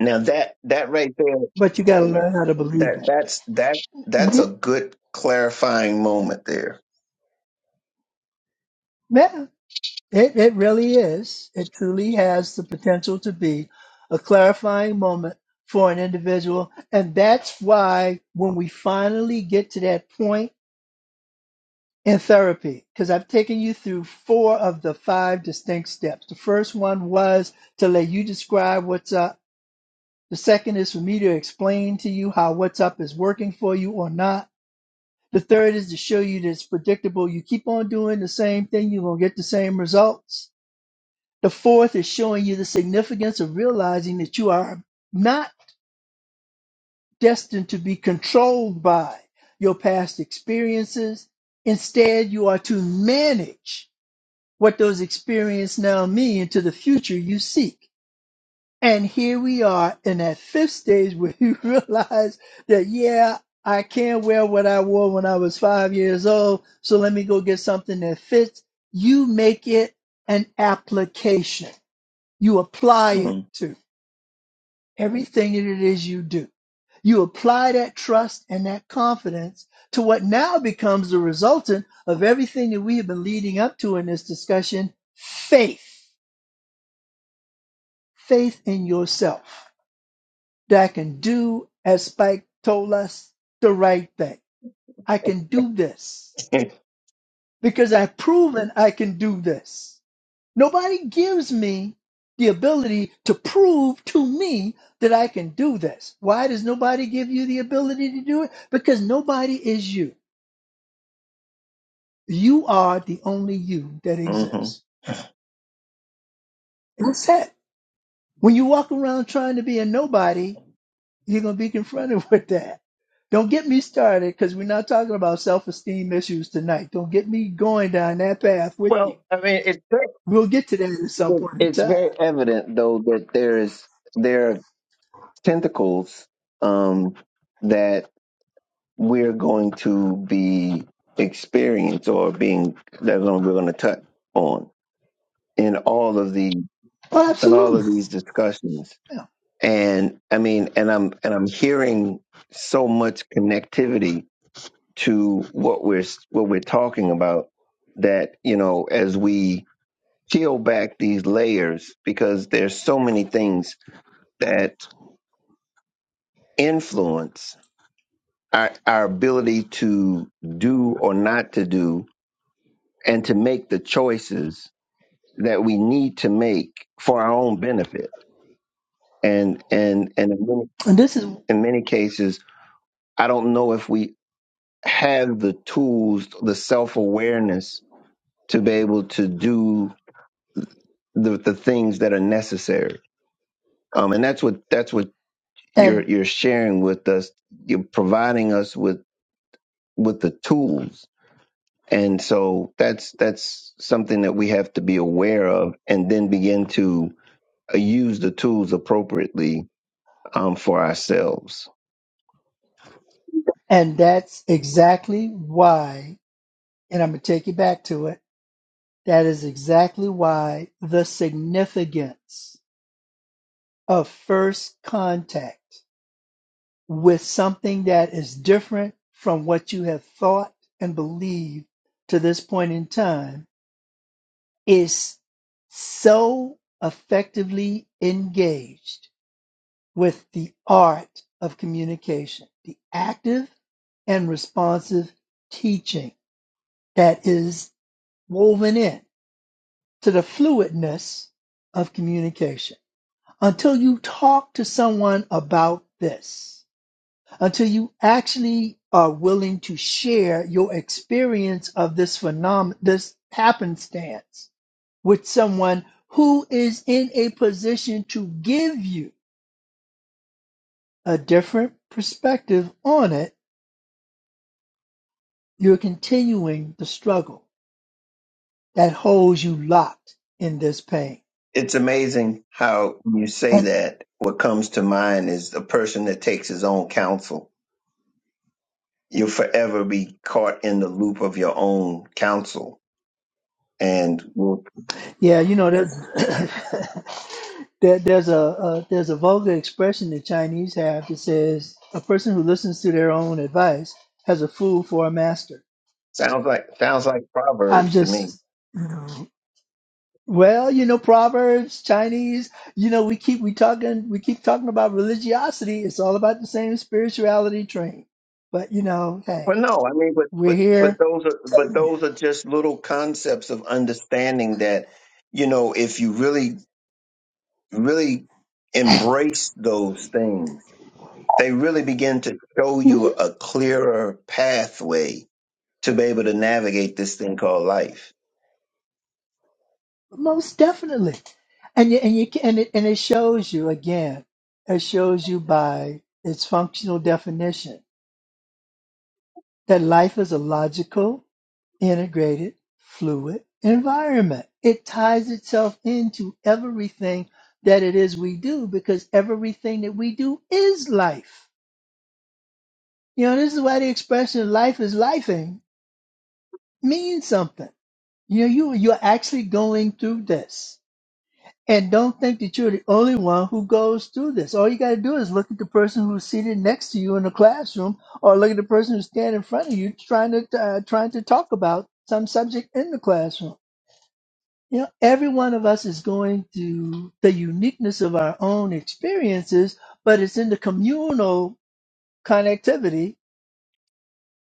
A: Now that that right there,
B: but you gotta learn how to believe
A: that
B: it.
A: that's that that's
B: hmm
A: a good clarifying moment there
B: Yeah, it, it really is. It truly has the potential to be a clarifying moment for an individual. And that's why when we finally get to that point, in therapy because I've taken you through four of the five distinct steps. The first one was to let you describe what's up. The second is for me to explain to you how what's up is working for you or not. The third is to show you that it's predictable. You keep on doing the same thing, you're going to get the same results. The fourth is showing you the significance of realizing that you are not destined to be controlled by your past experiences. Instead, you are to manage what those experiences now mean into the future you seek. And here we are in that fifth stage where you realize that, yeah, I can't wear what I wore when I was five years old. So let me go get something that fits. You make it an application. You apply it
A: Mm-hmm.
B: to everything that it is you do. You apply that trust and that confidence to what now becomes the resultant of everything that we have been leading up to in this discussion faith faith in yourself that I can do, as Spike told us, the right thing. I can do this because I've proven I can do this. Nobody gives me the ability to prove to me that I can do this. Why does nobody give you the ability to do it? Because nobody is you. You are the only you that exists. That's it. When you walk around trying to be a nobody, You're going to be confronted with that. Don't get me started because we're not talking about self esteem issues tonight. Don't get me going down that path with you.
A: Well, I mean, it,
B: We'll get to that at some
A: it,
B: point in
A: it's
B: time.
A: very evident though that there is there are tentacles um, that we're going to be experience or being that we're going to touch on in all of the
B: Oh,
A: in all of
B: absolutely.
A: these discussions.
B: Yeah.
A: And I mean, and I'm and I'm hearing so much connectivity to what we're what we're talking about that you know as we peel back these layers because there's so many things that influence our, our ability to do or not to do and to make the choices that we need to make for our own benefit and and and in many,
B: And this is
A: in many cases i don't know if we have the tools the self-awareness to be able to do the, the things that are necessary um, and that's what that's what you're
B: and
A: you're sharing with us you're providing us with with the tools and so that's that's something that we have to be aware of and then begin to uh, use the tools appropriately um, for ourselves
B: and that's exactly why, and I'm gonna take you back to it. That is exactly why the significance of first contact. with something that is different from what you have thought and believed to this point in time is so effectively engaged with the art of communication, the active and responsive teaching that is woven in to the fluidness of communication. Until you talk to someone about this, until you actually are willing to share your experience of this phenomenon, this happenstance with someone who is in a position to give you a different perspective on it, you're continuing the struggle that holds you locked in this pain.
A: It's amazing how when you say that, what comes to mind is the person that takes his own counsel. You'll forever be caught in the loop of your own counsel, and will
B: Yeah, you know, there's there, there's a, a there's a vulgar expression the Chinese have that says a person who listens to their own advice has a fool for a master.
A: sounds like sounds like
B: I'm
A: proverbs to me.
B: just, you know, well, you know, Proverbs, Chinese, you know, we keep we talking we keep talking about religiosity. It's all about the same spirituality train. But you know, hey,
A: Well, no, I mean, but
B: we're
A: but but
B: here.
A: those are but
B: telling you.
A: those are just little concepts of understanding that you know if you really really embrace those things, they really begin to show you
B: Mhm,
A: a clearer pathway to be able to navigate this thing called life.
B: Most definitely. and you, and you ca- and it, and it shows you again it shows you by its functional definition that life is a logical integrated fluid environment it ties itself into everything that it is we do because everything that we do is life you know this is why the expression life is lifing means something you know you you're actually going through this And don't think that you're the only one who goes through this. All you got to do is look at the person who's seated next to you in the classroom, or look at the person who's standing in front of you trying to uh, trying to talk about some subject in the classroom. You know, every one of us is going through the uniqueness of our own experiences, but it's in the communal connectivity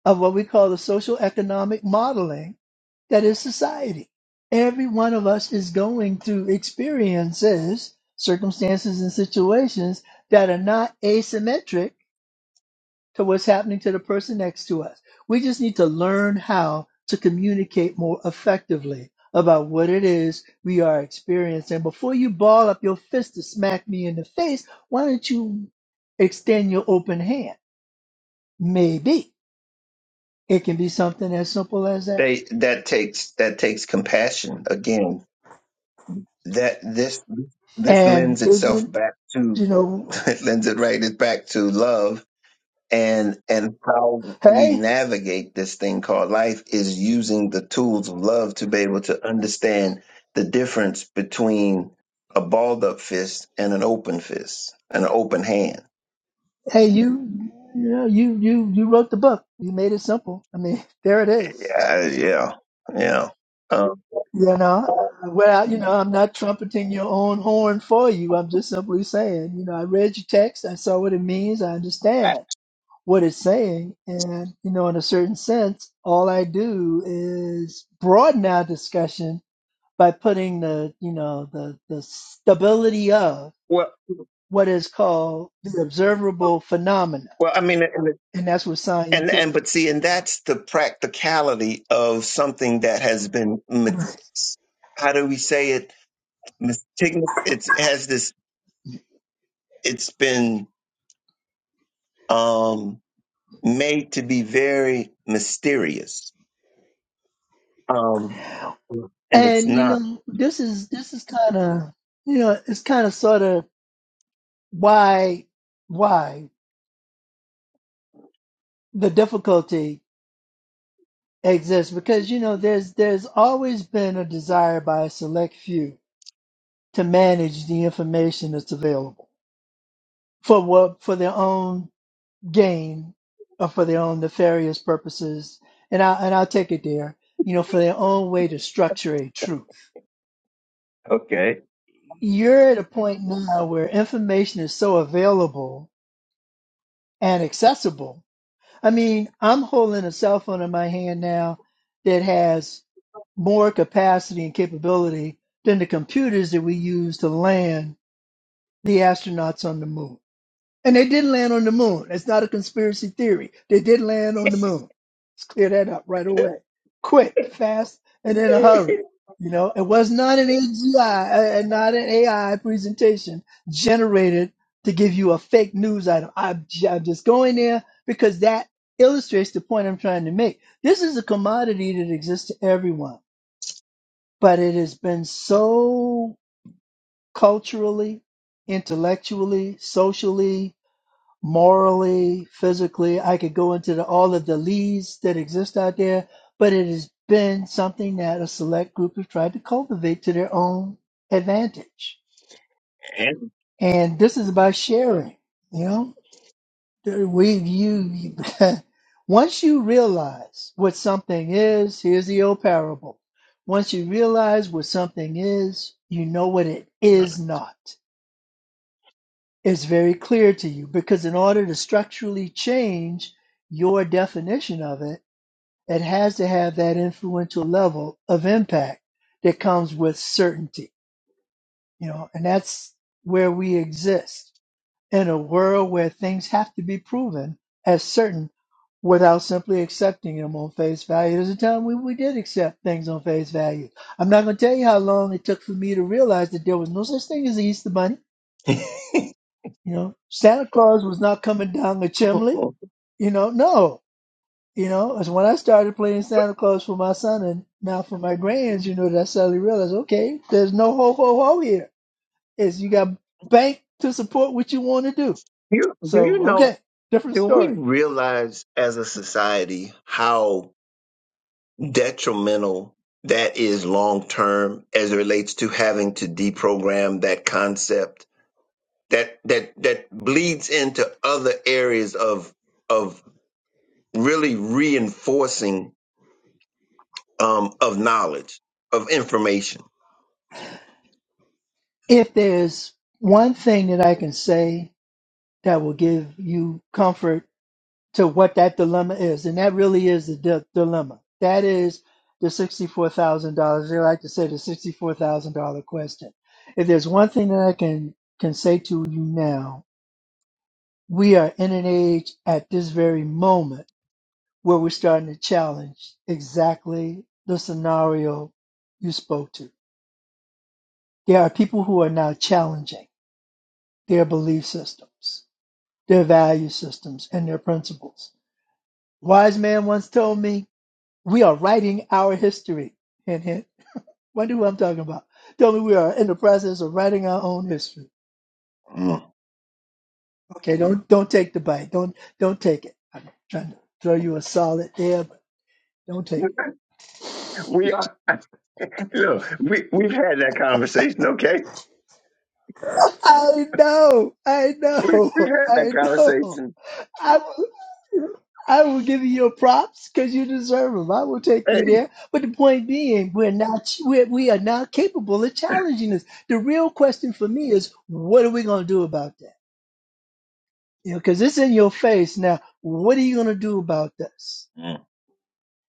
B: of what we call the social economic modeling that is society. Every one of us is going through experiences, circumstances, and situations that are not asymmetric to what's happening to the person next to us. We just need to learn how to communicate more effectively about what it is we are experiencing. Before you ball up your fist to smack me in the face, why don't you extend your open hand? Maybe it can be something as simple as that.
A: They that takes that takes compassion again. That this this
B: And
A: lends itself
B: isn't,
A: back to
B: you know,
A: it lends it right back to love and and how we
B: hey,
A: navigate this thing called life is using the tools of love to be able to understand the difference between a balled up fist and an open fist an open hand
B: Hey, you, you know, you you you wrote the book. You made it simple. I mean, there it is.
A: yeah yeah yeah um,
B: You know, well, you know, I'm not trumpeting your own horn for you. I'm just simply saying, you know, I read your text. I saw what it means. I understand what it's saying, and you know, in a certain sense, all I do is broaden our discussion by putting the, you know, the the stability of
A: well
B: what is called the observable phenomena,
A: well i mean and,
B: and that's what science
A: and
B: is.
A: and but see and
B: you
A: that's the practicality of something that has been met-
B: know?
A: how do we say it mistigous it has this it's been Um, made to be very mysterious. Um, and it's
B: And you
A: not.
B: know, this is this is kind of you know, it's kind of sort of why why the difficulty exists because you know, there's there's always been a desire by a select few to manage the information that's available for what for their own gain or for their own nefarious purposes. And I and I'll take it there, you know, for their own way to structure a truth. You're at a point now where information is so available and accessible. I mean, I'm holding a cell phone in my hand now that has more capacity and capability than the computers that we use to land the astronauts on the moon. And they did land on the moon. That's not a conspiracy theory. They did land on the moon. Let's clear that up right away. Quick, fast, and in a hurry. You know, it was not an AGI uh, and not an AI presentation generated to give you a fake news item. I'm, j- I'm just going there because that illustrates the point I'm trying to make. This is a commodity that exists to everyone, but it has been so culturally, intellectually, socially, morally, physically. I could go into the, all of the leads that exist out there, but it has been something that a select group have tried to cultivate to their own advantage.
A: And-
B: And this is about sharing. You know, There- we you once you realize what something is. Here's the old parable. Once you realize what something is, you know what it is not. is very clear to you because in order to structurally change your definition of it, it has to have that influential level of impact that comes with certainty, you know, and that's where we exist in a world where things have to be proven as certain without simply accepting them on face value. There's a time when we did accept things on face value. I'm not going to tell you how long it took for me to realize that there was no such thing as Easter Bunny You know, Santa Claus was not coming down the chimney.
A: you,
B: You know, no. You know, as when I started playing Santa Claus for my son and now for my grands, you know, that I suddenly realized, okay, there's no ho ho ho here. Is you got bank to support what you want to do.
A: do
B: So,
A: you know,
B: okay, different
A: do we
B: story.
A: realize as a society how detrimental that is long term as it relates to having to deprogram that concept that that that bleeds into other areas of of really reinforcing um, of knowledge, of information.
B: If there's one thing that I can say that will give you comfort to what that dilemma is. And that really is the di- dilemma. That is the $64,000. They like to say the $64,000 question. If there's one thing that I can, can say to you now, we are in an age at this very moment where we're starting to challenge exactly the scenario you spoke to. There are people who are now challenging their belief systems, their value systems, and their principles. Wise man once told me We are writing our history. Hint, hint. Wonder who I'm talking about. Tell me we are in the process of writing our own history.
A: Mm.
B: Okay, don't don't take the bite. Don't don't take it. I'm trying to throw you a solid there, but don't take it.
A: We are look, we we've had that conversation, okay?
B: I know, I
A: We
B: know,
A: we've had
B: I
A: that
B: know.
A: conversation.
B: I will, I will give you your props because you deserve them. I will take
A: Hey.
B: you there. But the point being, we're not we're, we are not capable of challenging this. The real question for me is, what are we going to do about that? You know, because it's in your face. Now, what are you going to do about this?
A: Mm.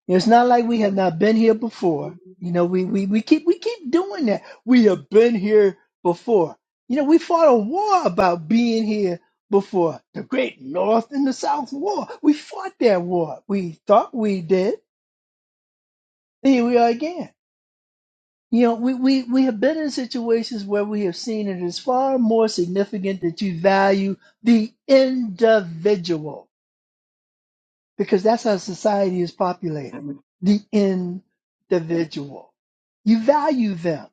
B: You know, it's not like we have not been here before. You know, we, we, we keep we keep doing that. We have been here before. You know, we fought a war about being here before. The great North and the South War. We fought that war. We thought we did. Here we are again. You know, we, we, we have been in situations where we have seen it is far more significant that you value the individual because that's how society is populated. The individual. You value them.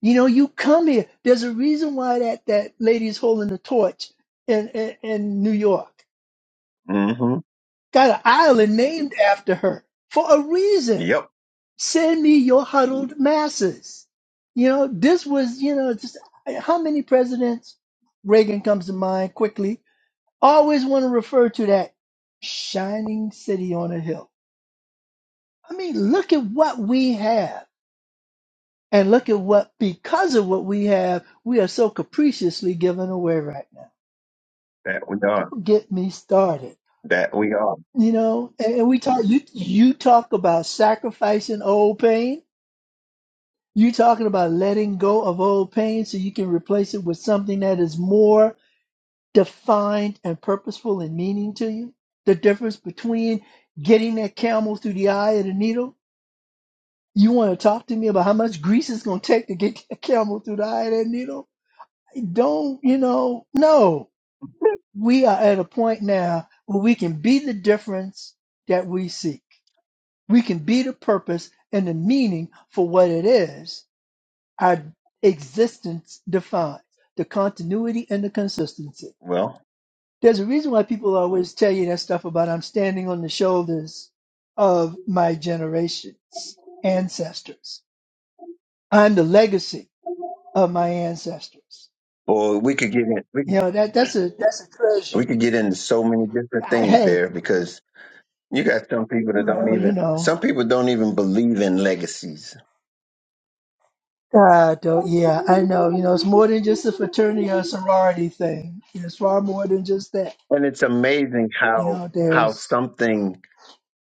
B: You know, you come here. There's a reason why that, that lady's holding the torch in, in, in New York.
A: Mm-hmm.
B: Got an island named after her for a reason.
A: Yep,
B: Send me your huddled masses. You know, this was, you know, just how many presidents, Reagan comes to mind quickly, always want to refer to that shining city on a hill I mean, look at what we have. And look at what, because of what we have, we are so capriciously given away right now.
A: that we are.
B: Get me started.
A: That we are.
B: You know, and, and we talk, you, you talk about sacrificing old pain. You talking about letting go of old pain so you can replace it with something that is more defined and purposeful and meaning to you. The difference between getting that camel through the eye of the needle You want to talk to me about how much grease it's going to take to get a camel through the eye of that needle? Don't, you know, no. We are at a point now where we can be the difference that we seek. We can be the purpose and the meaning for what it is our existence defines the continuity and the consistency.
A: Well,
B: There's a reason why people always tell you that stuff about I'm standing on the shoulders of my generations, ancestors. I'm the legacy of my ancestors.
A: or we could get in.
B: You know that that's a that's a
A: We
B: treasure.
A: could get into so many different
B: I,
A: things
B: hey,
A: there because you got some people that don't
B: well, you
A: even
B: know,
A: some people don't even believe in legacies.
B: God, though, yeah, I know. You know, it's more than just a fraternity or sorority thing. It's far more than just that.
A: And it's amazing
B: You
A: how
B: know,
A: how
B: there's
A: something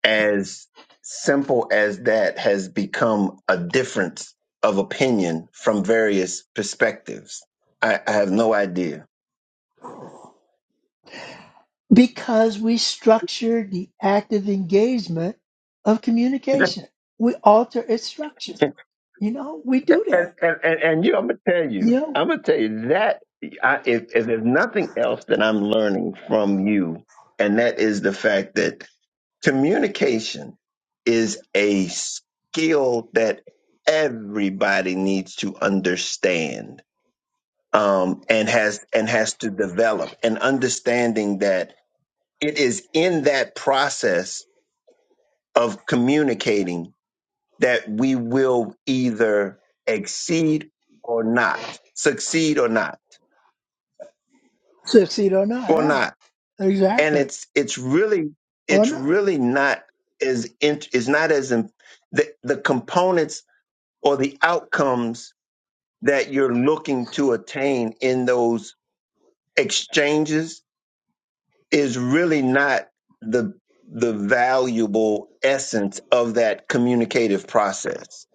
A: as simple as that has become a difference of opinion from various perspectives. I, I have no idea.
B: because we structure the active engagement of
A: and,
B: communication. We alter its structure. You know, we do that.
A: and, and, and you, I'm gonna tell
B: You
A: you,
B: know,
A: I'm gonna tell you that I, if, if there's nothing else that I'm learning from you, and that is the fact that communication is a skill that everybody needs to understand um, and has and has to develop and understanding that it is in that process of communicating that we will either exceed or not succeed or not
B: succeed or not,
A: or
B: yeah,
A: not and
B: exactly,
A: it's it's really
B: or
A: it's
B: not.
A: really not as in, it's not as im- the the components or the outcomes that you're looking to attain in those exchanges is really not the the valuable essence of that communicative process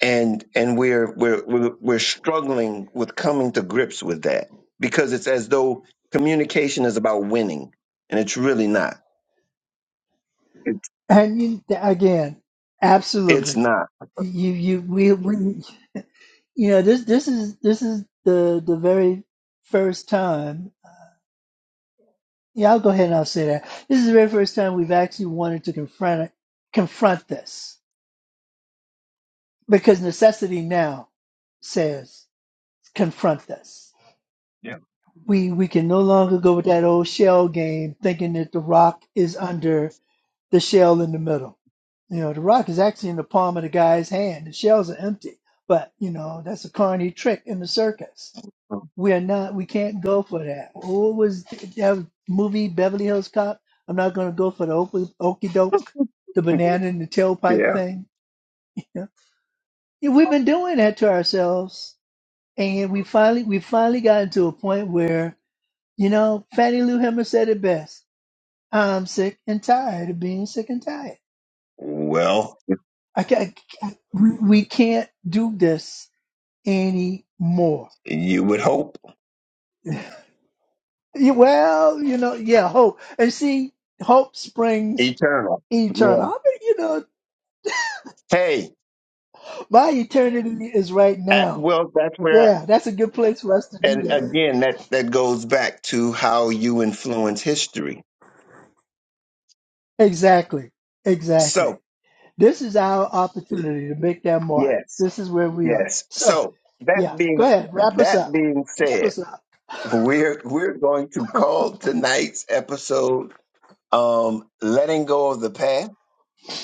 A: and and we're we're we're, we're struggling with coming to grips with that because it's as though communication is about winning and it's really not it's
B: And you, again,
A: it's
B: absolutely.
A: not
B: You, you, we, we, you know, this, this is, this is the, the very first time. Yeah, I'll go ahead and I'll say that this is the very first time we've actually wanted to confront it, confront this because necessity now says confront this.
A: yeah
B: We, we can no longer go with that old shell game, thinking that the rock is under. the shell in the middle. You know, the rock is actually in the palm of the guy's hand. The shells are empty. But, you know, that's a carny trick in the circus. We are not, we can't go for that. What was that movie, Beverly Hills Cop? I'm not going to go for the okey- okey doke, the banana in the tailpipe
A: yeah
B: thing. You know? Yeah, We've been doing that to ourselves. And we finally, we finally gotten to a point where, you know, Fannie Lou Hammer said it best. I'm sick and tired of being sick and tired.
A: well
B: I can't, I- we we can't do this anymore.
A: you would hope
B: Yeah, Well, you know, yeah, hope. And see, hope springs
A: eternal
B: eternal.
A: yeah
B: I mean, you know,
A: hey
B: my eternity is right
A: At,
B: now.
A: well, that's where,
B: Yeah, that's a good place for us to do
A: and
B: that.
A: again, that, that goes back to how you influence history.
B: Exactly. Exactly.
A: So,
B: This is our opportunity to make that mark.
A: yes,
B: This is where we are.
A: yes.
B: So,
A: So that
B: yeah, go
A: being,
B: ahead. Wrap us
A: that
B: up.
A: being
B: Wrap
A: said,
B: us up.
A: we're, we're going to call tonight's episode, um, letting go of the past.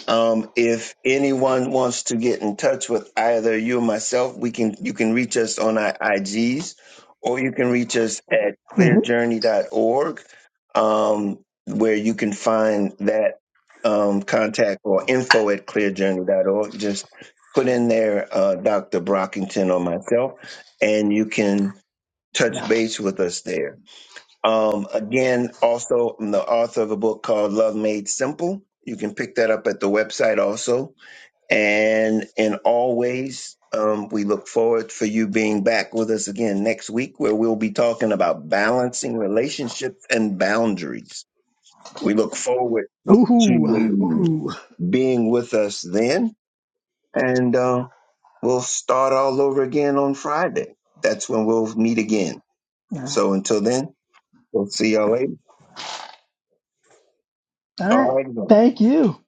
A: Um, if anyone wants to get in touch with either you or myself, we can you can reach us on our IGs or you can reach us at
B: Mhm.
A: clearjourney.org, um, where you can find that um, contact or info at clearjourney.org. Just put in there uh, Dr. Brockington or myself, and you can touch base with us there. Um, again, also, I'm the author of a book called Love Made Simple. You can pick that up at the website also. And in always, um, we look forward for you being back with us again next week, where we'll be talking about balancing relationships and boundaries. We look forward to
B: Ooh,
A: you
B: ooh.
A: being with us then. And uh, we'll start all over again on Friday. That's when we'll meet again.
B: Yeah.
A: So until then, we'll see y'all later.
B: All
A: All
B: right.
A: right. then.
B: Thank you.